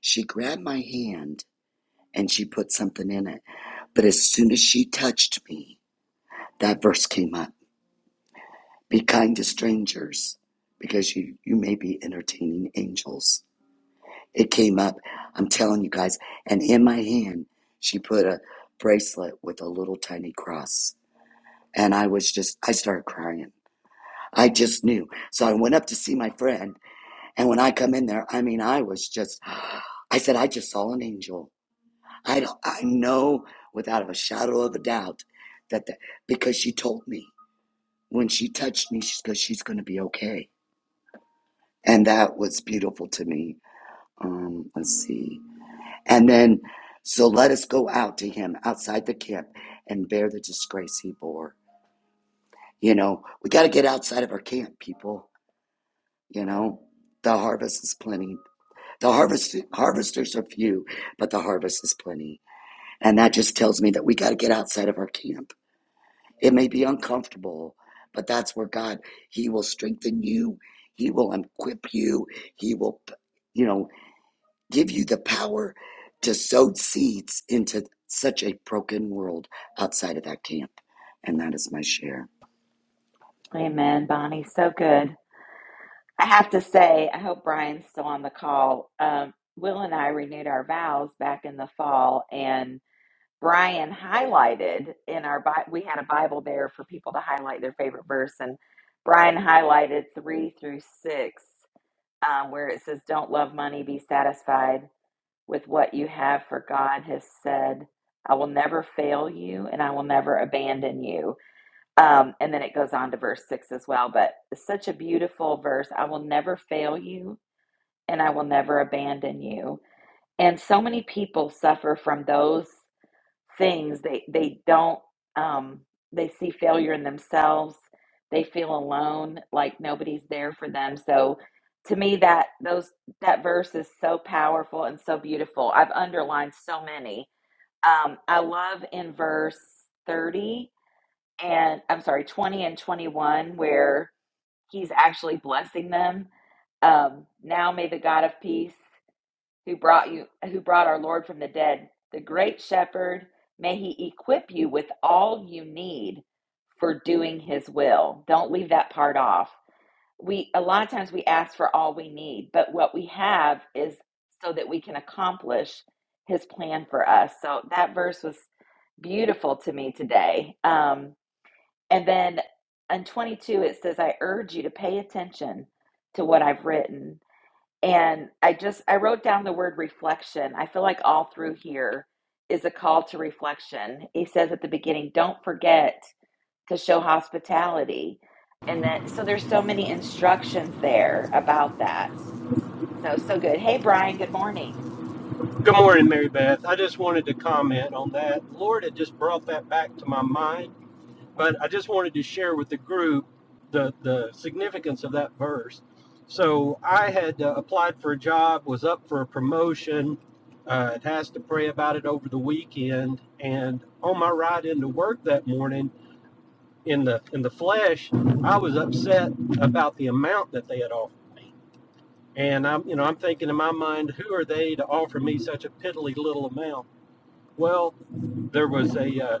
S7: she grabbed my hand and she put something in it. But as soon as she touched me, that verse came up Be kind to strangers because you, you may be entertaining angels. It came up, I'm telling you guys. And in my hand, she put a bracelet with a little tiny cross. And I was just, I started crying. I just knew. So I went up to see my friend. And when I come in there, I mean, I was just, I said, I just saw an angel. I, don't- I know without a shadow of a doubt that, the, because she told me when she touched me, she goes, she's going to be okay. And that was beautiful to me. Um, let's see. And then, so let us go out to him outside the camp and bear the disgrace he bore. You know, we got to get outside of our camp, people. You know, the harvest is plenty The harvest harvesters are few, but the harvest is plenty. And that just tells me that we got to get outside of our camp. It may be uncomfortable, but that's where God, he will strengthen you. He will equip you. He will, you know, give you the power to sow seeds into such a broken world outside of that camp. And that is my share.
S1: Amen, Bonnie. So good. I have to say, I hope Brian's still on the call. Um, Will and I renewed our vows back in the fall, and Brian highlighted in our Bi- we had a Bible there for people to highlight their favorite verse, and Brian highlighted three through six, um, where it says, "Don't love money, be satisfied." with what you have, for God has said, I will never fail you and I will never abandon you. Um, and then it goes on to verse six as well, but it's such a beautiful verse. I will never fail you and I will never abandon you. And so many people suffer from those things they they don't um they see failure in themselves they feel alone like nobody's there for them so to me that those that verse is so powerful and so beautiful i've underlined so many um i love in verse 30 and i'm sorry 20 and 21 where he's actually blessing them um now may the god of peace who brought you who brought our Lord from the dead, the great shepherd, may he equip you with all you need for doing his will. Don't leave that part off. We a lot of times we ask for all we need, but what we have is so that we can accomplish his plan for us. So that verse was beautiful to me today. Um, and then in 22 it says I urge you to pay attention to what I've written and I just I wrote down the word reflection. I feel like all through here is a call to reflection. He says at the beginning, don't forget to show hospitality. And that so there's so many instructions there about that. So so good. Hey Brian, good morning.
S8: Good morning, Mary Beth. I just wanted to comment on that. The Lord had just brought that back to my mind, but I just wanted to share with the group the, the significance of that verse. So I had uh, applied for a job, was up for a promotion, uh, had asked to pray about it over the weekend, and on my ride into work that morning, in the in the flesh, I was upset about the amount that they had offered me, and I'm you know I'm thinking in my mind, who are they to offer me such a piddly little amount? Well, there was a uh,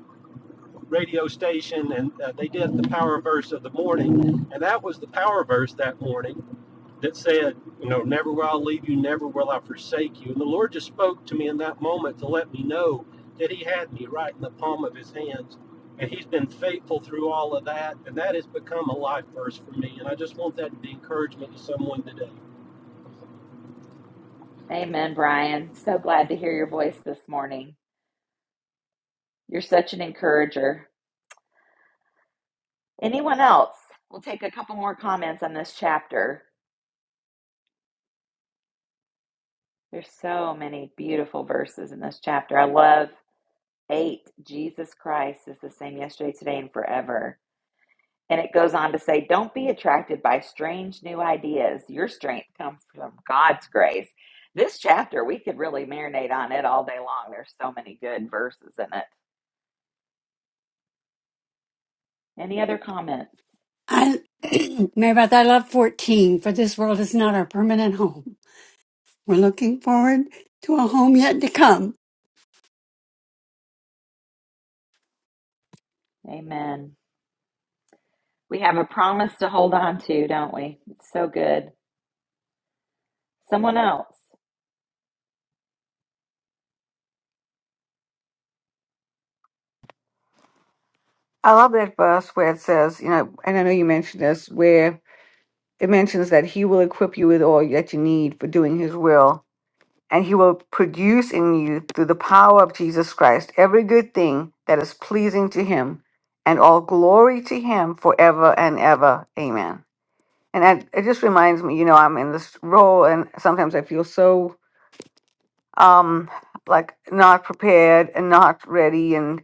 S8: radio station, and uh, they did the power verse of the morning, and that was the power verse that morning that said, "You know, never will I leave you, never will I forsake you." And the Lord just spoke to me in that moment to let me know that He had me right in the palm of His hands, and He's been faithful through all of that, and that has become a life verse for me. And I just want that to be encouragement to someone today.
S1: Amen, Brian. So glad to hear your voice this morning. You're such an encourager. Anyone else? We'll take a couple more comments on this chapter. There's so many beautiful verses in this chapter. I love 8 Jesus Christ is the same yesterday, today, and forever. And it goes on to say, don't be attracted by strange new ideas. Your strength comes from God's grace. This chapter, we could really marinate on it all day long. There's so many good verses in it. Any other comments?
S9: I, [clears throat] Mary Beth, I love 14, for this world is not our permanent home. We're looking forward to a home yet to come.
S1: Amen. We have a promise to hold on to, don't we? It's so good. Someone else.
S3: I love that verse where it says, you know, and I know you mentioned this, where it mentions that he will equip you with all that you need for doing his will and he will produce in you through the power of Jesus Christ every good thing that is pleasing to him and all glory to him forever and ever. Amen. And I, it just reminds me, you know, I'm in this role and sometimes I feel so um like not prepared and not ready and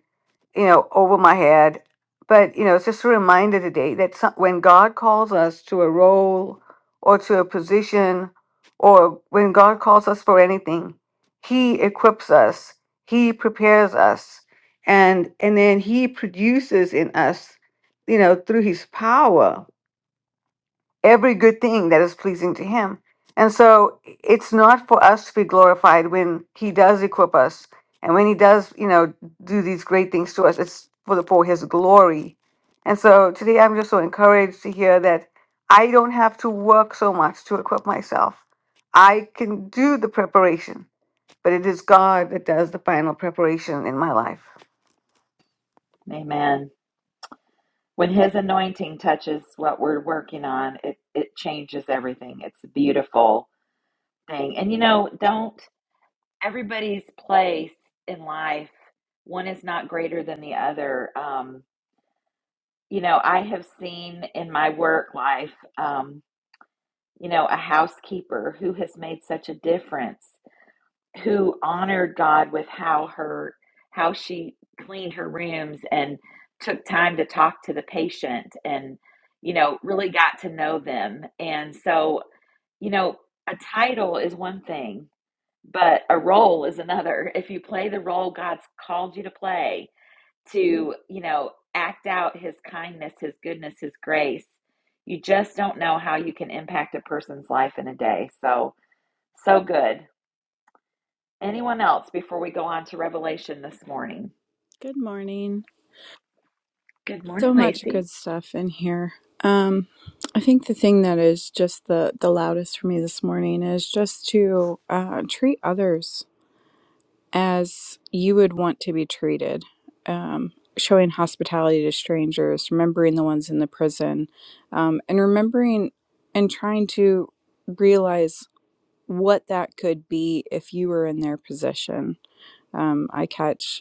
S3: you know, over my head. But, you know, it's just a reminder today that some, when God calls us to a role or to a position or when God calls us for anything, He equips us, He prepares us, and, and then He produces in us, you know, through His power every good thing that is pleasing to him. And so it's not for us to be glorified when he does equip us and when he does, you know, do these great things to us. It's for the for his glory. And so today I'm just so encouraged to hear that I don't have to work so much to equip myself. I can do the preparation, but it is God that does the final preparation in my life.
S1: Amen. When his anointing touches what we're working on, it, it changes everything. It's beautiful thing. And you know, don't everybody's place in life, one is not greater than the other. Um, you know, I have seen in my work life, um, you know, a housekeeper who has made such a difference, who honored God with how her how she cleaned her rooms and took time to talk to the patient and you know, really got to know them. And so, you know, a title is one thing, but a role is another. If you play the role God's called you to play, to, you know, act out his kindness, his goodness, his grace, you just don't know how you can impact a person's life in a day. So, so good. Anyone else before we go on to Revelation this morning?
S10: Good morning.
S1: Good morning,
S10: So much
S1: Lacey.
S10: good stuff in here. Um, I think the thing that is just the, the loudest for me this morning is just to uh, treat others as you would want to be treated. Um, showing hospitality to strangers, remembering the ones in the prison, um, and remembering and trying to realize what that could be if you were in their position. Um, I catch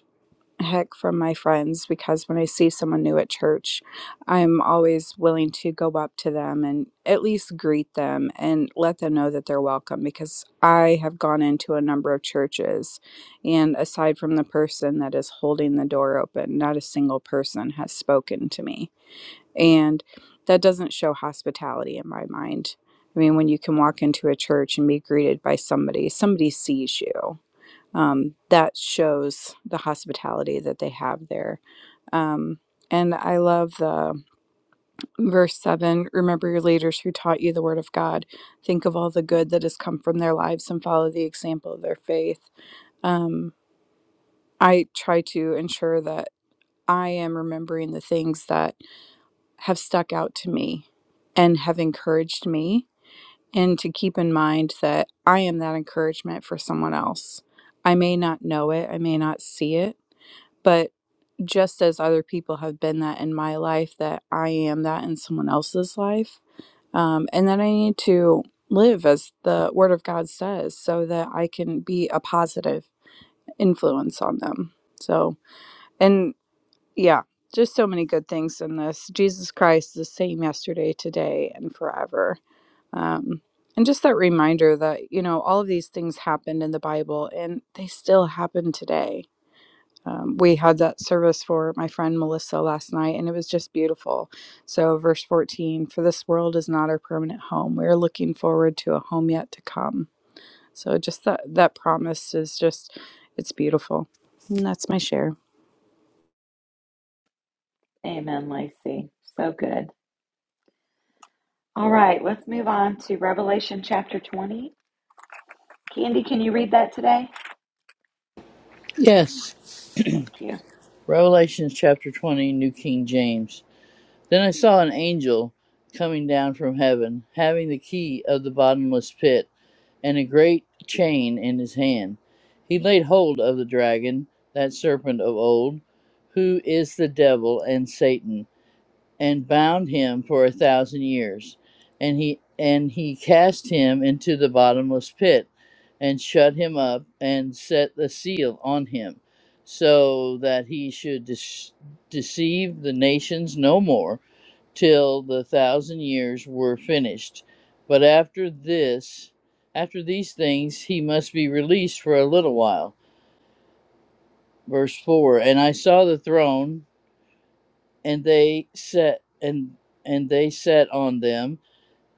S10: heck from my friends because when I see someone new at church, I'm always willing to go up to them and at least greet them and let them know that they're welcome because I have gone into a number of churches and aside from the person that is holding the door open, not a single person has spoken to me. And that doesn't show hospitality in my mind. I mean, when you can walk into a church and be greeted by somebody, somebody sees you um, that shows the hospitality that they have there. Um, and I love the verse seven remember your leaders who taught you the word of God. Think of all the good that has come from their lives and follow the example of their faith. Um, I try to ensure that I am remembering the things that have stuck out to me and have encouraged me, and to keep in mind that I am that encouragement for someone else. I may not know it, I may not see it, but just as other people have been that in my life, that I am that in someone else's life. Um, and that I need to live as the Word of God says so that I can be a positive influence on them. So, and yeah, just so many good things in this. Jesus Christ is the same yesterday, today, and forever. Um, and just that reminder that, you know, all of these things happened in the Bible and they still happen today um, we had that service for my friend Melissa last night, and it was just beautiful. So, verse 14 For this world is not our permanent home. We are looking forward to a home yet to come. So, just that, that promise is just, it's beautiful. And that's my share.
S1: Amen, Lacey. So good. All right, let's move on to Revelation chapter 20. Candy, can you read that today?
S2: Yes,
S1: Thank you.
S2: Revelations chapter 20, New King James. Then I saw an angel coming down from heaven, having the key of the bottomless pit and a great chain in his hand. He laid hold of the dragon, that serpent of old, who is the devil and Satan, and bound him for a thousand years. And he and he cast him into the bottomless pit and shut him up and set the seal on him so that he should dis- deceive the nations no more till the thousand years were finished. But after this, after these things, he must be released for a little while. Verse four. And I saw the throne, and they sat, and and they sat on them,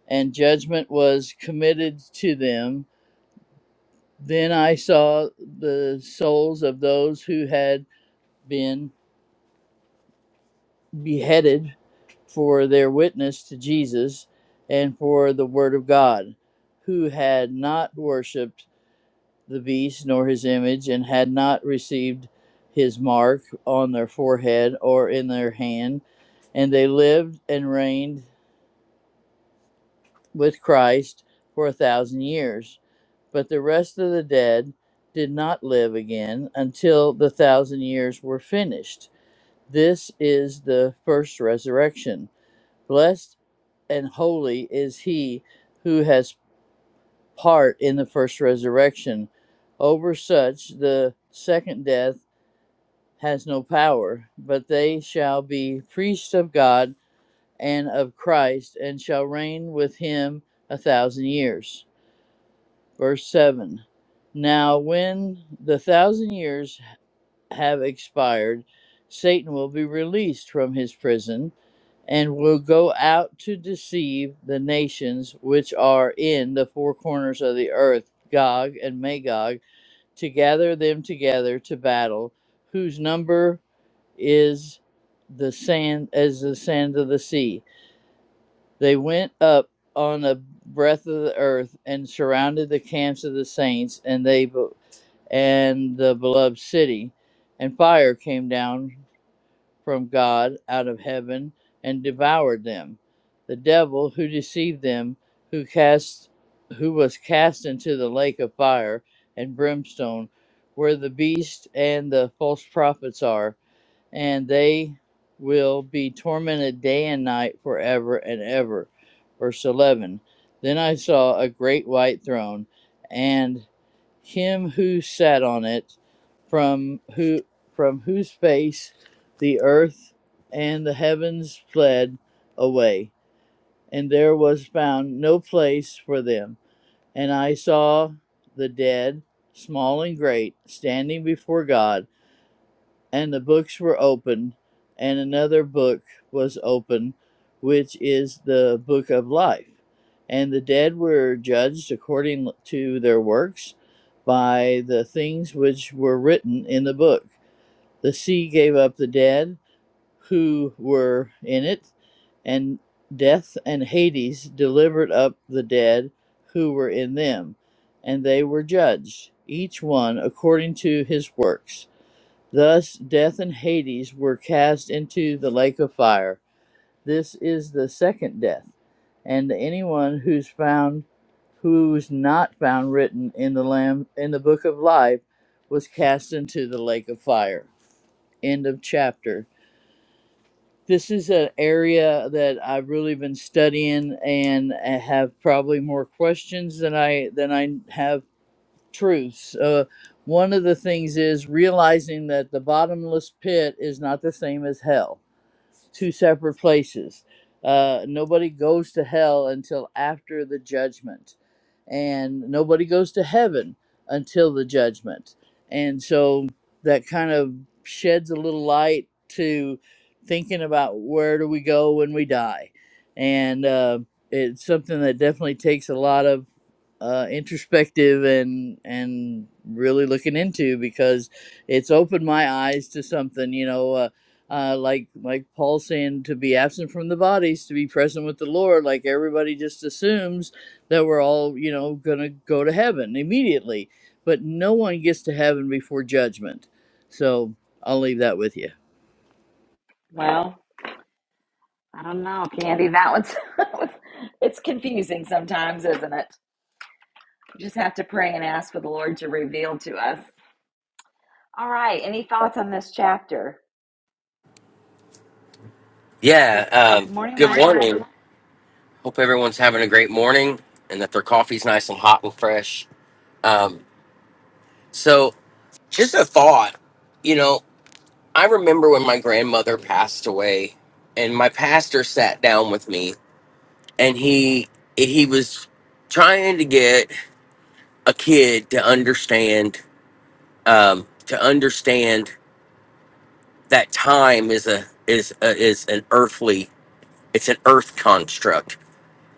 S2: and judgment was committed to them. Then I saw the souls of those who had been beheaded for their witness to Jesus and for the Word of God, who had not worshipped the beast nor his image, and had not received his mark on their forehead or in their hand. And they lived and reigned with Christ for a thousand years. But the rest of the dead did not live again until the thousand years were finished. This is the first resurrection. Blessed and holy is he who has part in the first resurrection. Over such the second death has no power, but they shall be priests of God and of Christ, and shall reign with him a thousand years. Verse 7 Now, when the thousand years have expired, Satan will be released from his prison and will go out to deceive the nations which are in the four corners of the earth, Gog and Magog, to gather them together to battle, whose number is the sand as the sand of the sea. They went up on the breath of the earth and surrounded the camps of the saints and they and the beloved city, and fire came down from God out of heaven and devoured them. The devil who deceived them, who cast who was cast into the lake of fire and brimstone, where the beast and the false prophets are, and they will be tormented day and night forever and ever. Verse 11 Then I saw a great white throne and him who sat on it, from who from whose face the earth and the heavens fled away, and there was found no place for them. And I saw the dead, small and great, standing before God and the books were opened, and another book was opened, which is the book of life. And the dead were judged according to their works by the things which were written in the book. The sea gave up the dead who were in it, and death and Hades delivered up the dead who were in them, and they were judged, each one according to his works. Thus, death and Hades were cast into the lake of fire. This is the second death, and anyone who's found, who's not found written in the Lamb in the book of life, was cast into the lake of fire. End of chapter. This is an area that I've really been studying and have probably more questions than I than I have truths. Uh, one of the things is realizing that the bottomless pit is not the same as hell two separate places. Uh, nobody goes to hell until after the judgment, and nobody goes to heaven until the judgment. And so that kind of sheds a little light to thinking about where do we go when we die, and uh, it's something that definitely takes a lot of uh, introspective and and really looking into because it's opened my eyes to something. You know, uh, uh, like like Paul saying to be absent from the bodies, to be present with the Lord. Like everybody just assumes that we're all you know gonna go to heaven immediately, but no one gets to heaven before judgment. So I'll leave that with you.
S1: Well. I don't know, Candy. That one's [laughs] it's confusing sometimes, isn't it? We just have to pray and ask for the Lord to reveal to us. All right. Any thoughts on this chapter? Good
S11: Yeah, um,
S1: morning,
S11: good
S1: Michael.
S11: morning. Hope everyone's having a great morning and that their coffee's nice and hot and fresh. Um, so, just a thought you know, I remember when my grandmother passed away, and my pastor sat down with me, and he he was trying to get a kid to understand um, to understand that time is a is a, is an earthly it's an earth construct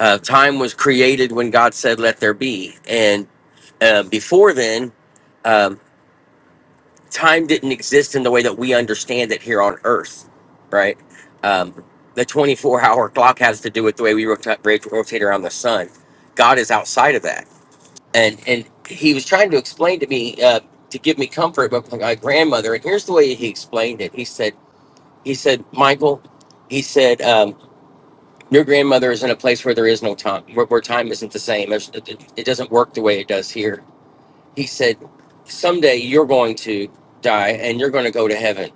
S11: uh, time was created when God said, "Let there be," and uh, before then, um, time didn't exist in the way that we understand it here on Earth, right? Um, the 24-hour clock has to do with the way we rota- rate- rotate around the sun. God is outside of that, and and He was trying to explain to me uh, to give me comfort, but my grandmother. And here's the way He explained it. He said, He said, Michael, He said. um, your grandmother is in a place where there is no time, where, where time isn't the same. There's- It, it it doesn't work the way it does here. He said, Someday you're going to die and you're going to go to heaven.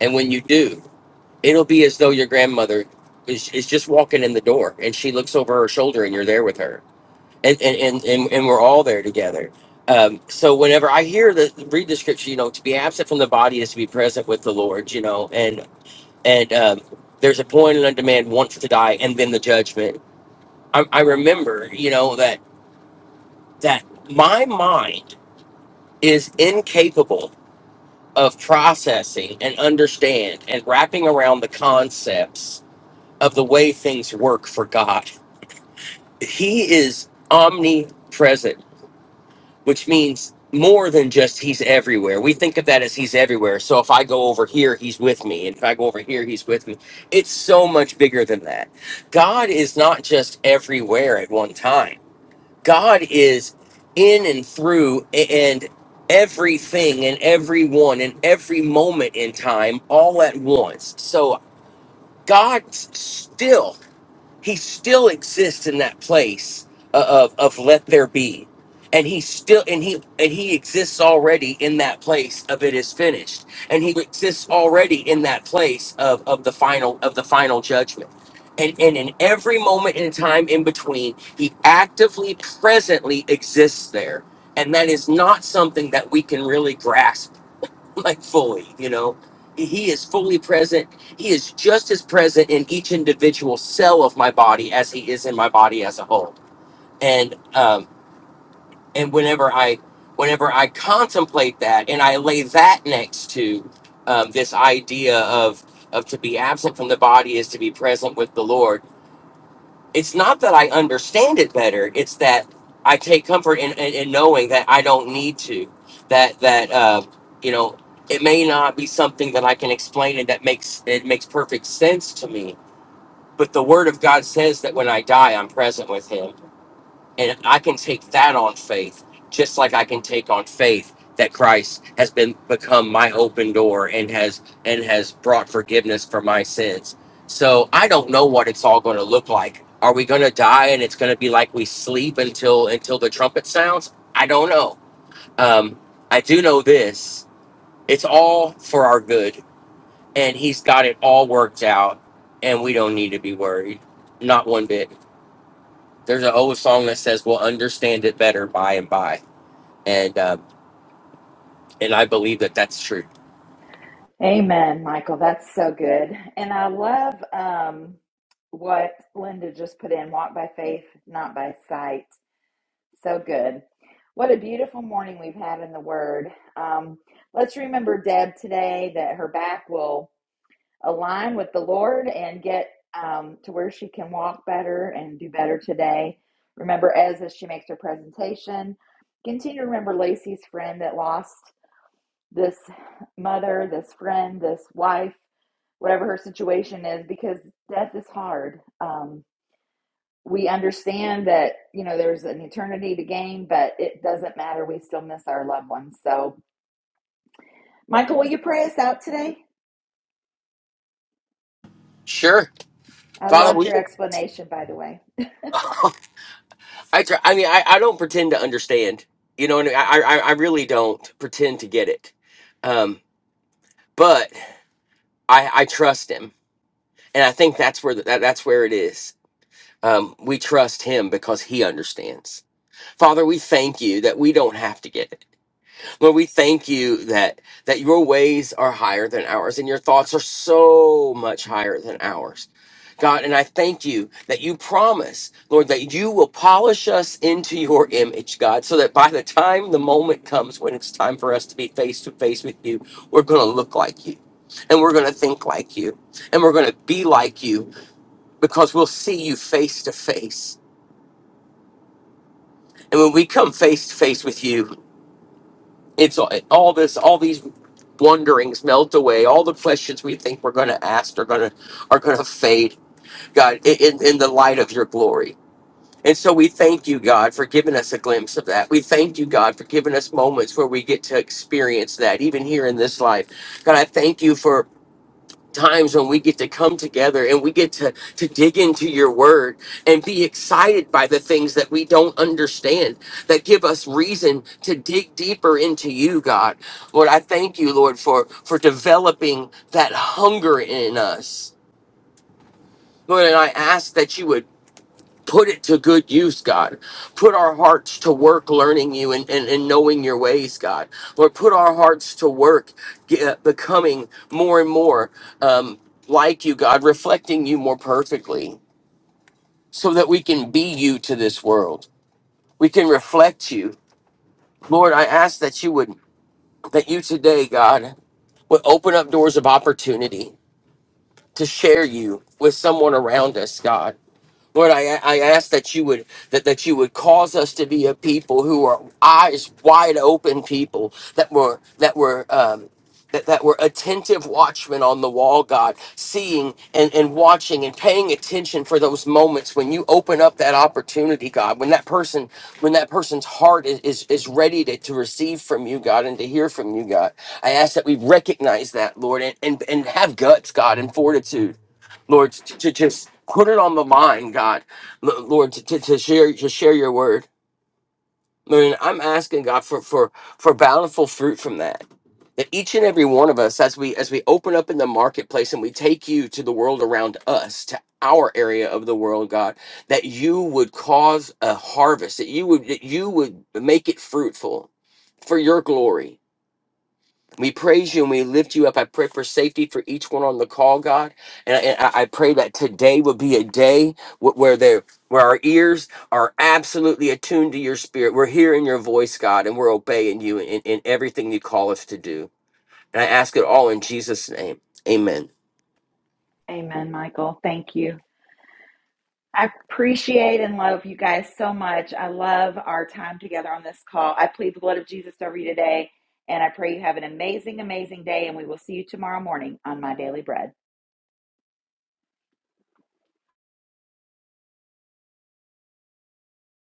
S11: And when you do, it'll be as though your grandmother is, is just walking in the door and she looks over her shoulder and you're there with her. And, and, and, and, and we're all there together. Um, so whenever I hear the read the scripture, you know, to be absent from the body is to be present with the Lord, you know, and, and, um, there's a point and a demand once to die and then the judgment I, I remember, you know, that that my mind is incapable of processing and understand and wrapping around the concepts of the way things work for God. He is omnipresent, which means more than just he's everywhere. We think of that as he's everywhere. So if I go over here, he's with me. And if I go over here, he's with me. It's so much bigger than that. God is not just everywhere at one time. God is in and through and everything and everyone and every moment in time all at once. So God still he still exists in that place of of let there be and he still and he and he exists already in that place of it is finished and he exists already in that place of of the final of the final judgment and and in every moment in time in between he actively presently exists there and that is not something that we can really grasp like fully, you know. He is fully present. He is just as present in each individual cell of my body as he is in my body as a whole. And um, and whenever I whenever I contemplate that and I lay that next to um, this idea of of to be absent from the body is to be present with the Lord it's not that I understand it better. It's that I take comfort in, in, in knowing that I don't need to. That that uh, you know, it may not be something that I can explain and that makes it makes perfect sense to me. But the Word of God says that when I die, I'm present with Him and I can take that on faith, just like I can take on faith that Christ has been become my open door and has and has brought forgiveness for my sins. So I don't know what it's all going to look like. Are we going to die and it's going to be like we sleep until until the trumpet sounds? I don't know. Um, I do know this: it's all for our good, and He's got it all worked out, and we don't need to be worried, not one bit there's an old song that says we'll understand it better by and by and um, and i believe that that's true
S1: Amen, Michael. That's so good. And I love um, what Linda just put in walk by faith, not by sight. So good. What a beautiful morning we've had in the Word. Um, let's remember Deb today that her back will. align with the Lord and get um, to where she can walk better and do better today. Remember Ez as she makes her presentation. Continue to remember Lacey's friend that lost this mother, this friend, this wife, whatever her situation is, because death is hard. Um, we understand that you know there's an eternity to gain, but it doesn't matter. We still miss our loved ones. So, Michael, will you pray us out today?
S11: sure
S1: I
S11: follow
S1: loved
S11: we
S1: your explanation, by the way.
S11: i try, i mean I, I don't pretend to understand you know what I, mean? I i I really don't pretend to get it um but i i trust him and i think that's where the, that, that's where it is um we trust him because he understands father we thank you that we don't have to get it Lord, we thank you that that your ways are higher than ours and your thoughts are so much higher than ours. God, and I thank you that you promise, Lord, that you will polish us into your image, God, so that by the time the moment comes when it's time for us to be face to face with you, we're going to look like you and we're going to think like you and we're going to be like you because we'll see you face to face. And when we come face to face with you, it's all all this all these wonderings melt away all the questions we think we're going to ask are going to are going to fade god i- in, in the light of your glory and so we thank you god for giving us a glimpse of that we thank you god for giving us moments where we get to experience that even here in this life god i thank you times when we get to come together and we get to to dig into your word and be excited by the things that we don't understand that give us reason to dig deeper into you god lord i thank you lord for for developing that hunger in us lord and i ask that you would put it to good use, God. Put our hearts to work learning you and, and, and knowing your ways, God. Lord, put our hearts to work get, becoming more and more um, like you, God, reflecting you more perfectly so that we can be you to this world. We can reflect you. Lord, I ask that you would, that you today, God, would open up doors of opportunity to share you with someone around us, God Lord, I, I ask that you would that, that you would cause us to be a people who are eyes wide open people that were that were um, that, that were attentive watchmen on the wall, God, seeing and, and watching and paying attention for those moments when you open up that opportunity, God, when that person when that person's heart is, is, is ready to, to receive from you, God, and to hear from you, God. I ask that we recognize that, Lord, and, and, and have guts, God, and fortitude Lord, to, to just put it on my mind, God, L- Lord, to, to, to share to share your word. Lord, I'm asking God for for for bountiful fruit from that. That each and every one of us, as we as we open up in the marketplace and we take you to the world around us, to our area of the world, God, that you would cause a harvest, that you would that you would make it fruitful for your glory we praise you and we lift you up. I pray for safety for each one on the call, God. And I, and I I pray that today would be a day wh- where there where our ears are absolutely attuned to your spirit. We're hearing your voice, God, and we're obeying you in, in everything you call us to do. And I ask it all in Jesus' name. Amen.
S1: Amen, Michael. Thank you. I appreciate and love you guys so much. I love our time together on this call. I plead the blood of Jesus over you today, and I pray you have an amazing, amazing day, and we will see you tomorrow morning on My Daily Bread.